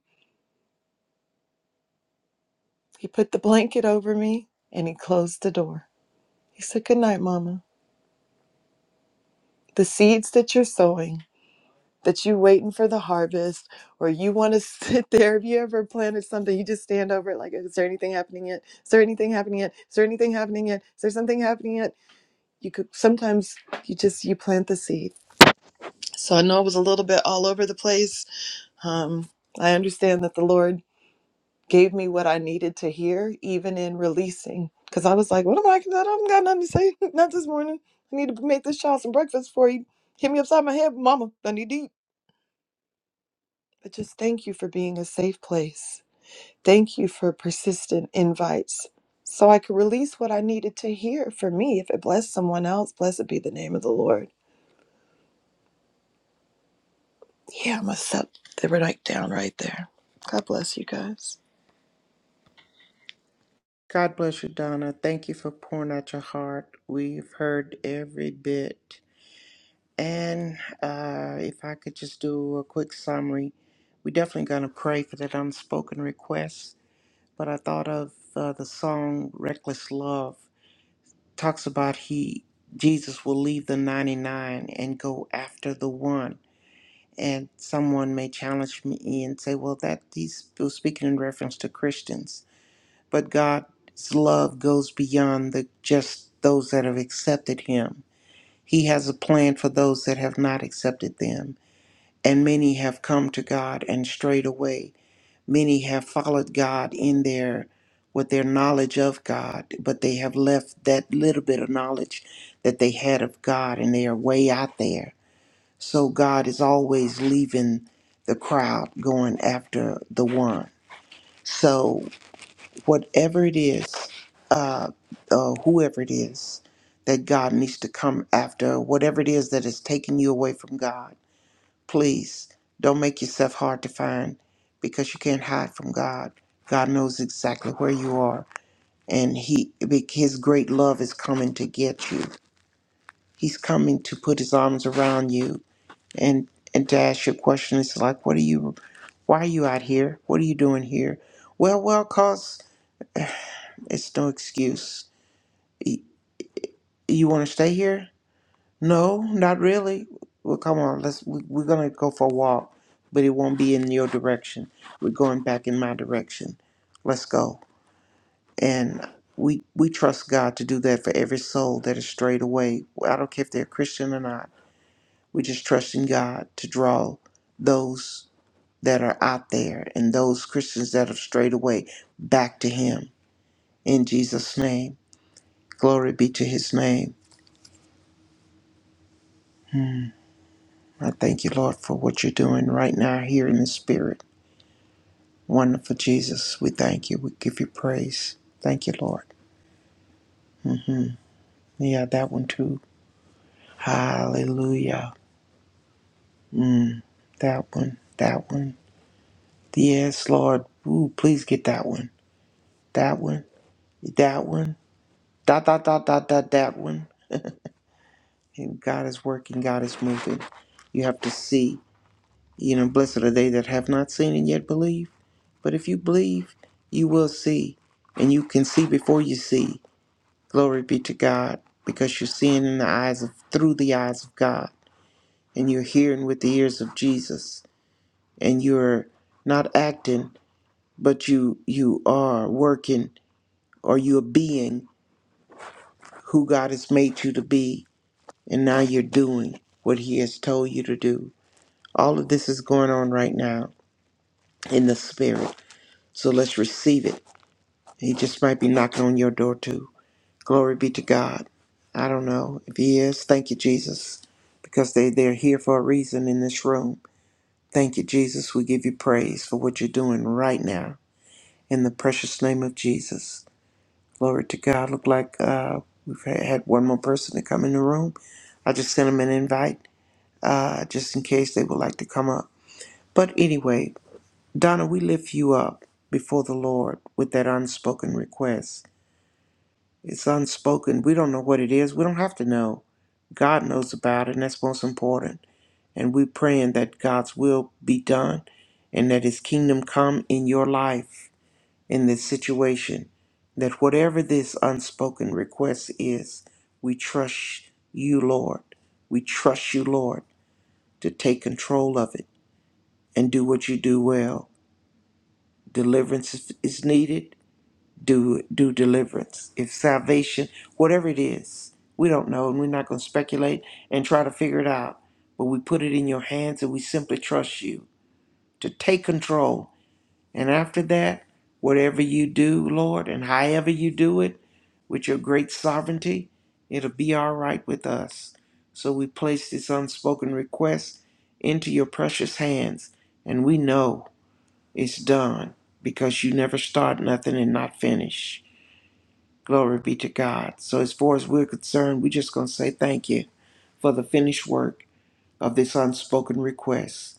He put the blanket over me and he closed the door. He said, Good night, Mama. The seeds that you're sowing. that you waiting for the harvest or you want to sit there if you ever planted something you just stand over it like is there anything happening yet is there anything happening yet is there anything happening yet is there something happening yet you could sometimes you just you plant the seed so i know it was a little bit all over the place um, i understand that the lord gave me what i needed to hear even in releasing because i was like what am i i don't got nothing to say not this morning i need to make this child some breakfast before he hit me upside my head mama i need to eat But just thank you for being a safe place. Thank you for persistent invites so I could release what I needed to hear for me. If it blessed someone else, blessed be the name of the Lord. Yeah, I'm going to set the right down right there. God bless you guys.
God bless you, Donna. Thank you for pouring out your heart. We've heard every bit. And uh, if I could just do a quick summary, we're definitely going to pray for that unspoken request. But I thought of uh, the song "Reckless Love." Talks about he Jesus will leave the ninety-nine and go after the one. And someone may challenge me and say, "Well, that he's was speaking in reference to Christians." But God's love goes beyond the just those that have accepted Him. He has a plan for those that have not accepted them and many have come to God and strayed away. Many have followed God in their with their knowledge of God, but they have left that little bit of knowledge that they had of God and they are way out there. So God is always leaving the crowd going after the one. So whatever it is, uh, uh, whoever it is that God needs to come after, whatever it is that has taken you away from God, Please don't make yourself hard to find because you can't hide from God. God knows exactly where you are, and He His great love is coming to get you. He's coming to put His arms around you and and to ask you a question. It's like, what are you? Why are you out here? What are you doing here? Well, well, cause it's no excuse. Y- You want to stay here? No, not really. Well, come on, let's. We, we're gonna go for a walk, but it won't be in your direction. We're going back in my direction. Let's go. And we we trust God to do that for every soul that is strayed away. I don't care if they're Christian or not. We're just trusting God to draw those that are out there and those Christians that have strayed away back to Him in Jesus' name. Glory be to His name. I thank you, Lord, for what you're doing right now here in the spirit. Wonderful Jesus, we thank you. We give you praise. Thank you, Lord. hmm Yeah, that one too. Hallelujah. Mm, that one. That one. Yes, Lord. Ooh, please get that one. That one. That one. Dot, dot, dot, dot, dot, that one. And God is working. God is moving. You have to see. You know, blessed are they that have not seen and yet believe. But if you believe, you will see. And you can see before you see. Glory be to God, because you're seeing in the eyes of through the eyes of God, and you're hearing with the ears of Jesus, and you're not acting, but you you are working, or you're being who God has made you to be, and now you're doing what He has told you to do. All of this is going on right now in the spirit, so let's receive it. He just might be knocking on your door too. Glory be to God. I don't know if He is. Thank you, Jesus, because they, they're here for a reason in this room. Thank you, Jesus. We give you praise for what you're doing right now in the precious name of Jesus. Glory to God. Look like uh, we've had had one more person to come in the room. I just sent them an invite uh, just in case they would like to come up. But anyway, Donna, we lift you up before the Lord with that unspoken request. It's unspoken. We don't know what it is. We don't have to know. God knows about it, and that's most important. And we're praying that God's will be done and that His kingdom come in your life, in this situation. That whatever this unspoken request is, we trust you, Lord. We trust you, Lord, to take control of it and do what you do well. Deliverance is is needed do do deliverance if salvation whatever it is we don't know and we're not going to speculate and try to figure it out but we put it in your hands and we simply trust you to take control and after that whatever you do lord and however you do it with your great sovereignty it'll be all right with us so we place this unspoken request into your precious hands and we know it's done because you never start nothing and not finish Glory be to God. So, as far as we're concerned, we're just going to say thank you for the finished work of this unspoken request.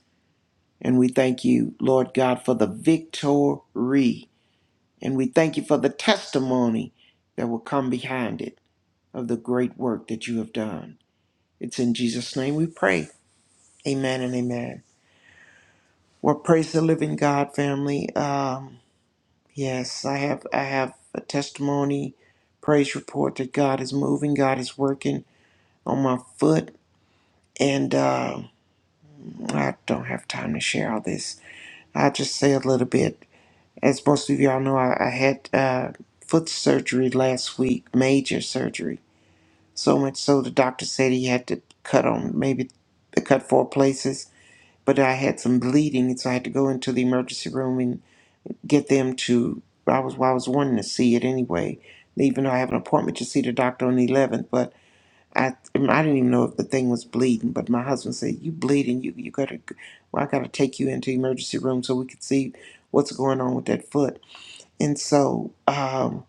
And we thank you, Lord God, for the victory. And we thank you for the testimony that will come behind it of the great work that you have done. It's in Jesus' name we pray. Amen and amen. Well, praise the living God, family. Um, yes, I have I have a testimony, praise report that God is moving, God is working on my foot. And uh, I don't have time to share all this. I'll just say a little bit. As most of y'all know, I, I had uh, foot surgery last week, major surgery. So much so the doctor said he had to cut on maybe they cut four places. But I had some bleeding, so I had to go into the emergency room and get them to. I was well, I was wanting to see it anyway, even though I have an appointment to see the doctor on the 11th. but. I I didn't even know if the thing was bleeding, but my husband said, "You bleeding? You you gotta, well, I gotta take you into the emergency room so we could see what's going on with that foot." And so um,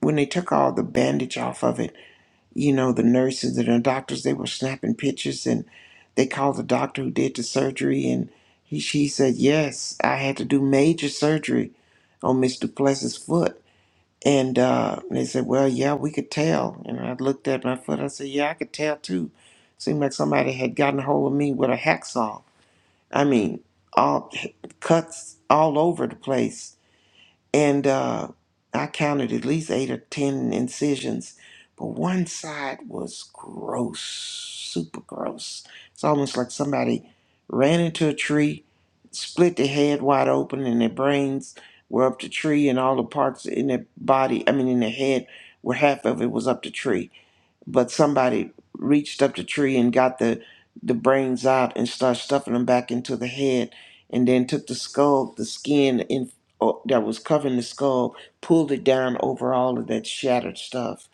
when they took all the bandage off of it, you know, the nurses and the doctors they were snapping pictures, and they called the doctor who did the surgery, and he she said, "Yes, I had to do major surgery on Miss Duplessis's foot." And uh, they said, well, yeah, we could tell. And I looked at my foot. I said, yeah, I could tell too. Seemed like somebody had gotten a hold of me with a hacksaw. I mean, all cuts all over the place and uh, I counted at least eight or ten incisions, but one side was gross, super gross. It's almost like somebody ran into a tree, split their head wide open, and their brains were up the tree, and all the parts in their body, I mean, in their head, were half of it was up the tree but somebody reached up the tree and got the the brains out and started stuffing them back into the head and then took the skull the skin in oh, that was covering the skull pulled it down over all of that shattered stuff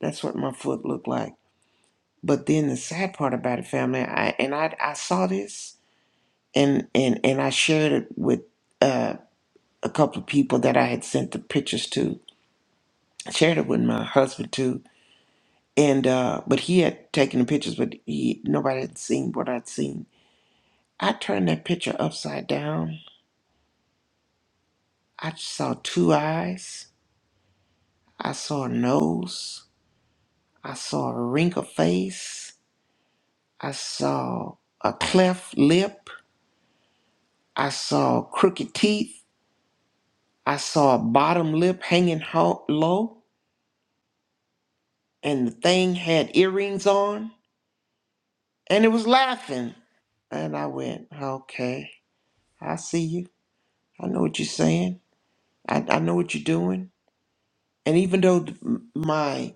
that's what my foot looked like but then the sad part about it family i and i i saw this and and and i shared it with uh a couple of people that i had sent the pictures to I shared it with my husband too and uh but he had taken the pictures but he nobody had seen what i'd seen i turned that picture upside down i saw two eyes i saw a nose i saw a wrinkled face i saw a cleft lip i saw crooked teeth i saw a bottom lip hanging ho- low and the thing had earrings on and it was laughing and i went okay i see you i know what you're saying I, I know what you're doing. And even though th- m- my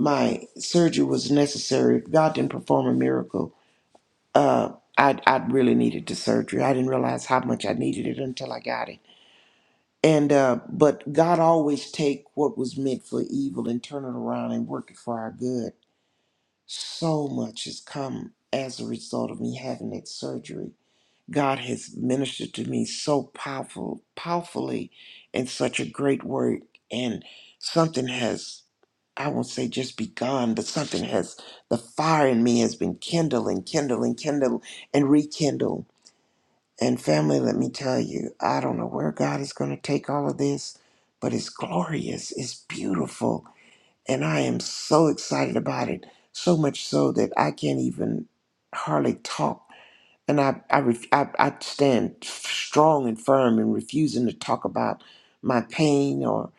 my surgery was necessary, if God didn't perform a miracle, uh, I I really needed the surgery. I didn't realize how much I needed it until I got it. And uh, but God always take what was meant for evil and turn it around and work it for our good. So much has come as a result of me having that surgery God has ministered to me so powerful, powerfully, and such a great work. And something has, I won't say just begun, but something has, the fire in me has been kindled and kindled and kindled and rekindled. And family, let me tell you, I don't know where God is going to take all of this, but it's glorious, it's beautiful, and I am so excited about it. So much so that I can't even hardly talk and I, I, ref, I, I stand strong and firm in refusing to talk about my pain or,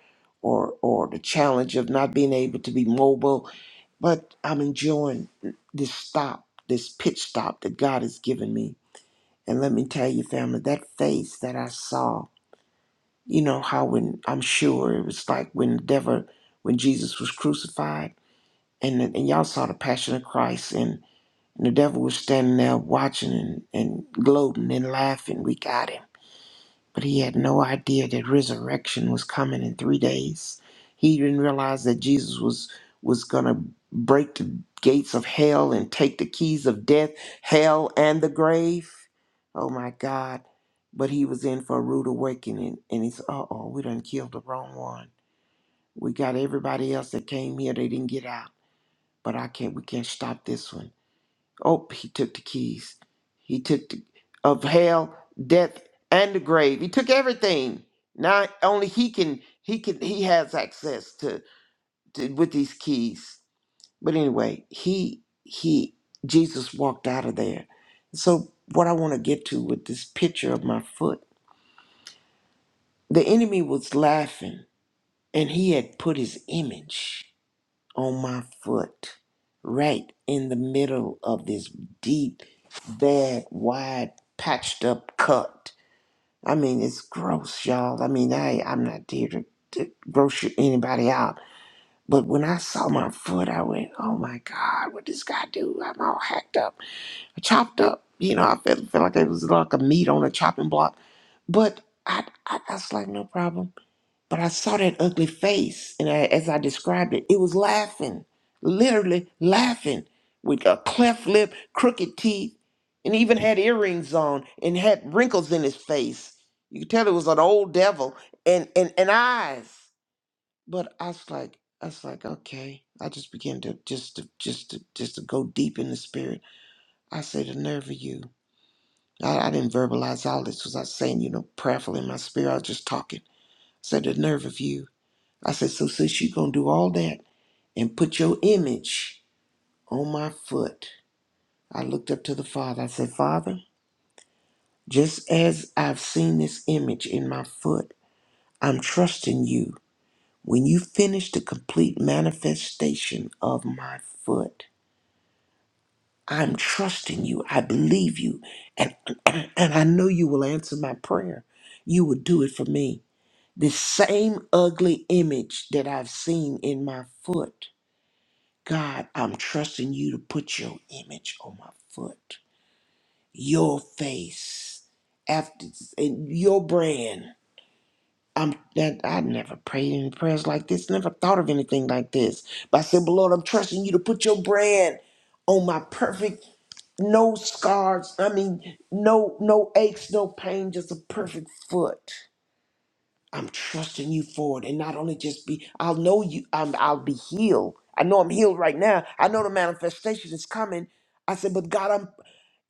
or, or the challenge of not being able to be mobile. But I'm enjoying this stop, this pit stop that God has given me. And let me tell you, family, that face that I saw, you know how when I'm sure it was like when the devil, when Jesus was crucified, and and y'all saw the Passion of Christ, and. And the devil was standing there watching and, and gloating and laughing. We got him. But he had no idea that resurrection was coming in three days. He didn't realize that Jesus was was gonna break the gates of hell and take the keys of death, hell and the grave. Oh my God. But he was in for a rude awakening and he said, Uh oh, we done killed the wrong one. We got everybody else that came here, they didn't get out. But I can't we can't stop this one. Oh, he took the keys. He took the, of hell, death, and the grave. He took everything. Now only he can he can he has access to, to with these keys. But anyway, he he Jesus walked out of there. So what I want to get to with this picture of my foot, the enemy was laughing and he had put his image. on my foot, right in the middle of this deep, bad, wide, patched up cut. I mean, it's gross, y'all. I mean, I I'm not here to, to gross you- anybody out, but when I saw my foot, I went, "Oh my God, what this guy do? I'm all hacked up, chopped up." You know, I felt, felt like it was like a meat on a chopping block, but I, I I was like, no problem. But I saw that ugly face, and I, as I described it, it was laughing, literally laughing, with a cleft lip, crooked teeth, and even had earrings on and had wrinkles in his face. You could tell it was an old devil, and and and eyes. But I was like, I was like, okay. I just began to just to just to just to go deep in the spirit. I say, the nerve of you. I, I didn't verbalize all this because I was saying, you know, prayerfully in my spirit. I was just talking. I said, the nerve of you I said, so sis, you gonna do all that and put your image on my foot. I looked up to the Father. I said, Father, just as I've seen this image in my foot, I'm trusting you. When you finish the complete manifestation of my foot, I'm trusting you. I believe you. And, and I know you will answer my prayer. You will do it for me. This same ugly image that I've seen in my foot. God, I'm trusting you to put your image on my foot, your face, after and your brand. I'm that i never prayed any prayers like this, never thought of anything like this. But I said, but Lord, I'm trusting you to put your brand on my perfect, no scars. I mean, no no aches, no pain, just a perfect foot. I'm trusting you for it. And not only just be, I'll know you, I'm, I'll be healed. I know I'm healed right now. I know the manifestation is coming. I said, but God,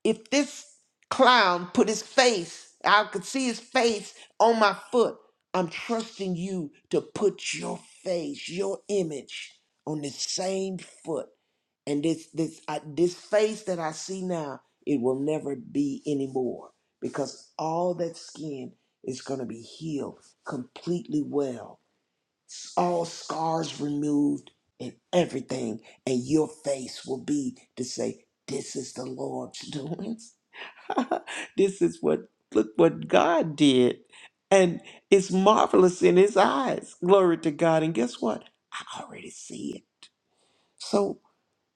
if this clown put his face, I could see his face on my foot. I'm trusting you to put your face, your image on this same foot. And this this I, this face that I see now, it will never be anymore because all that skin is going to be healed completely well. S- All scars removed and everything and your face will be to say this is the Lord's doing. this is what look what God did. And it's marvelous in his eyes. Glory to God. And guess what? I already see it. So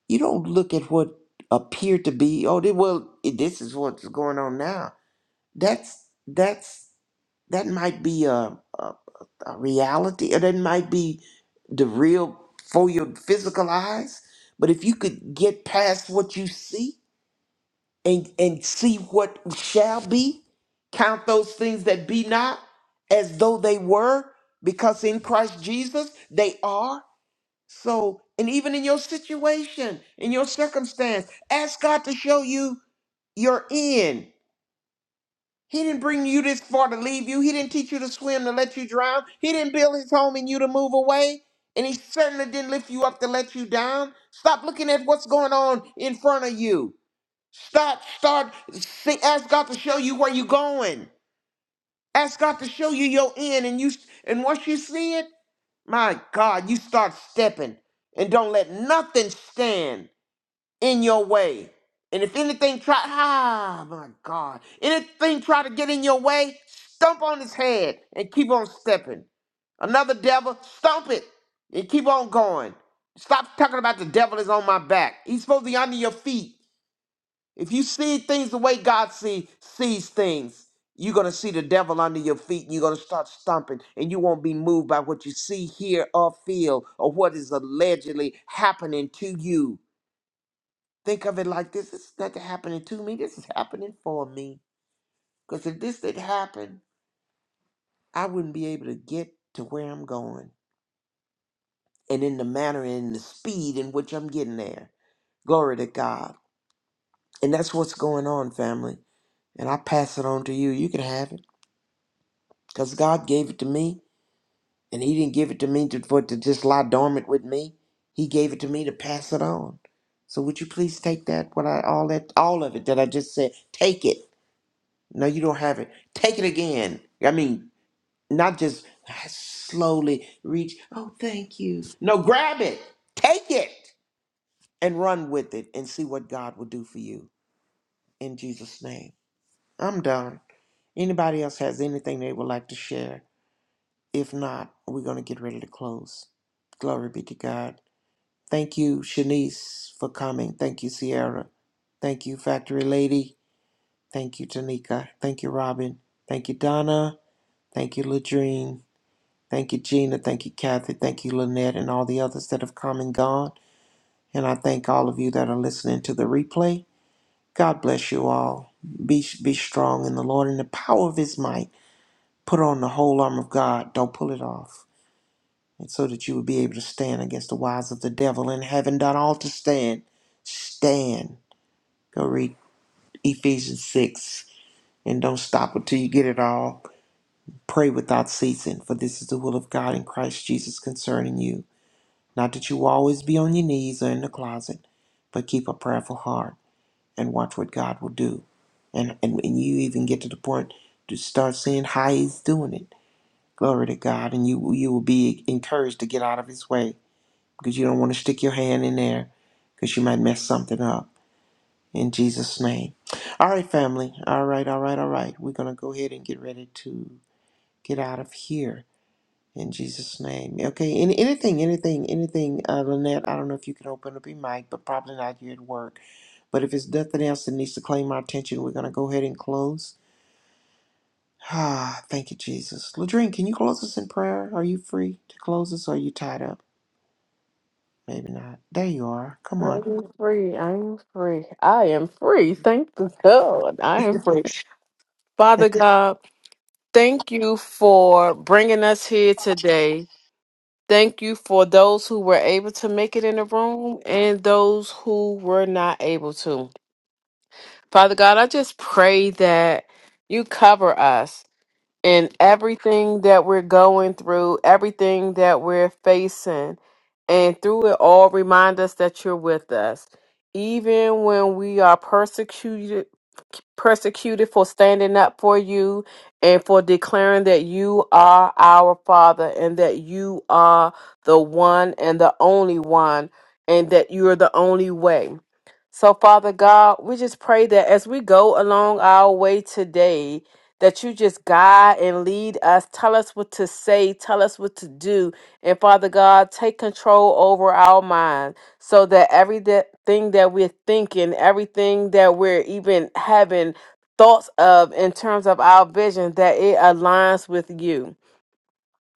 you don't look at what appeared to be, oh they, well, this is what's going on now. That's that's that might be a, a, a reality, or that might be the real for your physical eyes. But if you could get past what you see, and and see what shall be count those things that be not as though they were because in Christ Jesus they are so and even in your situation in your circumstance ask God to show you your end he didn't bring you this far to leave you he didn't teach you to swim to let you drown he didn't build his home in you to move away and he certainly didn't lift you up to let you down stop looking at what's going on in front of you Start, start, see, ask God to show you where you're going. Ask God to show you your end, and you, and once you see it, my God, you start stepping, and don't let nothing stand in your way. And if anything try, ah, my God, anything try to get in your way, stomp on his head and keep on stepping. Another devil, stomp it and keep on going. Stop talking about the devil is on my back. He's supposed to be under your feet. If you see things the way God see, sees things, you're going to see the devil under your feet and you're going to start stomping and you won't be moved by what you see, hear, or feel or what is allegedly happening to you. Think of it like this it's nothing happening to me, this is happening for me. Because if this didn't happen, I wouldn't be able to get to where I'm going and in the manner and the speed in which I'm getting there. Glory to God. And that's what's going on, family. And I pass it on to you. You can have it. because God gave it to me, and He didn't give it to me to, for it to just lie dormant with me. He gave it to me to pass it on. So would you please take that, what I all that, all of it that I just said, take it. No, you don't have it. Take it again. I mean, not just slowly reach. Oh, thank you. No, grab it, take it, and run with it, and see what God will do for you in Jesus' name. I'm done. Anybody else has anything they would like to share? If not, we're going to get ready to close. Glory be to God. Thank you, Shanice, for coming. Thank you, Sierra. Thank you, Factory Lady. Thank you, Tanika. Thank you, Robin. Thank you, Donna. Thank you, Ladrine. Thank you, Gina. Thank you, Kathy. Thank you, Lynette, and all the others that have come and gone. And I thank all of you that are listening to the replay. God bless you all. Be, be strong in the Lord and the power of his might. Put on the whole armor of God. Don't pull it off. and so that you would be able to stand against the wiles of the devil. And having done all to stand, stand. Go read Ephesians 6 and don't stop until you get it all. Pray without ceasing, for this is the will of God in Christ Jesus concerning you. Not that you will always be on your knees or in the closet, but keep a prayerful heart and watch what God will do. And, and, and you even get to the point to start seeing how He's doing it. Glory to God, and you you will be encouraged to get out of His way because you don't want to stick your hand in there because you might mess something up. In Jesus' name. All right, family. All right, all right, all right. We're going to go ahead and get ready to get out of here in Jesus' name. Okay, any, anything, anything, anything, uh, Lynette, I don't know if you can open up your mic, but probably not here at work. But if it's nothing else that needs to claim our attention, we're going to go ahead and close. Ah, thank you, Jesus. Ladrine, can you close us in prayer? Are you free to close us or are you tied up? Maybe not. There you are. Come
I
on.
am free. I am free. I am free. Thank the God. I am free. Father God, thank you for bringing us here today. Thank you for those who were able to make it in the room and those who were not able to. Father God, I just pray that you cover us in everything that we're going through, everything that we're facing, and through it all, remind us that you're with us. Even when we are persecuted, persecuted for standing up for you and for declaring that you are our Father and that you are the one and the only one and that you are the only way. So, Father God, we just pray that as we go along our way today, that you just guide and lead us. Tell us what to say, tell us what to do. And Father God, take control over our mind so that everything that we're thinking, everything that we're even having thoughts of in terms of our vision, that it aligns with you.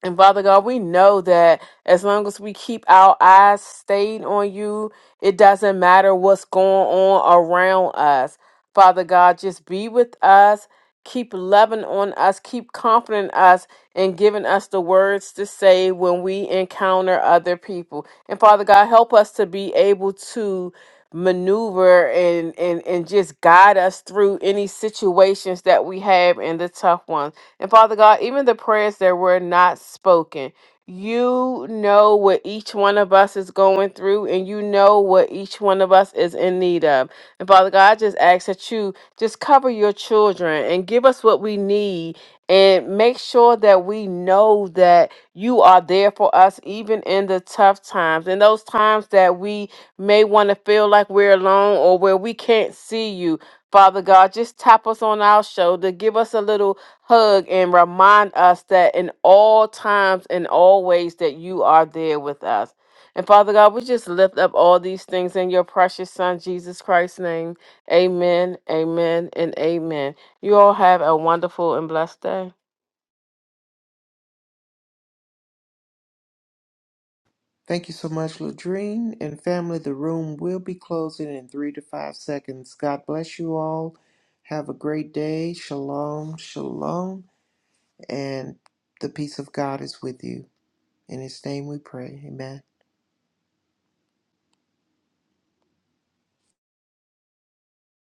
And Father God, we know that as long as we keep our eyes stayed on you, it doesn't matter what's going on around us. Father God, just be with us. Keep loving on us. Keep comforting us and giving us the words to say when we encounter other people. And Father God, help us to be able to maneuver and, and, and just guide us through any situations that we have and the tough ones. And Father God, even the prayers that were not spoken, you know what each one of us is going through, and you know what each one of us is in need of. And Father God, I just ask that you just cover your children and give us what we need and make sure that we know that you are there for us even in the tough times in those times that we may want to feel like we're alone or where we can't see you. Father God, just tap us on our shoulder. Give us a little hug and remind us that in all times and all ways that you are there with us. And Father God, we just lift up all these things in your precious Son, Jesus Christ's name. Amen, amen, and amen. You all have a wonderful and blessed day.
Thank you so much, Ladrine and family. The room will be closing in three to five seconds. God bless you all. Have a great day. Shalom, shalom, and the peace of God is with you. In His name we pray. Amen.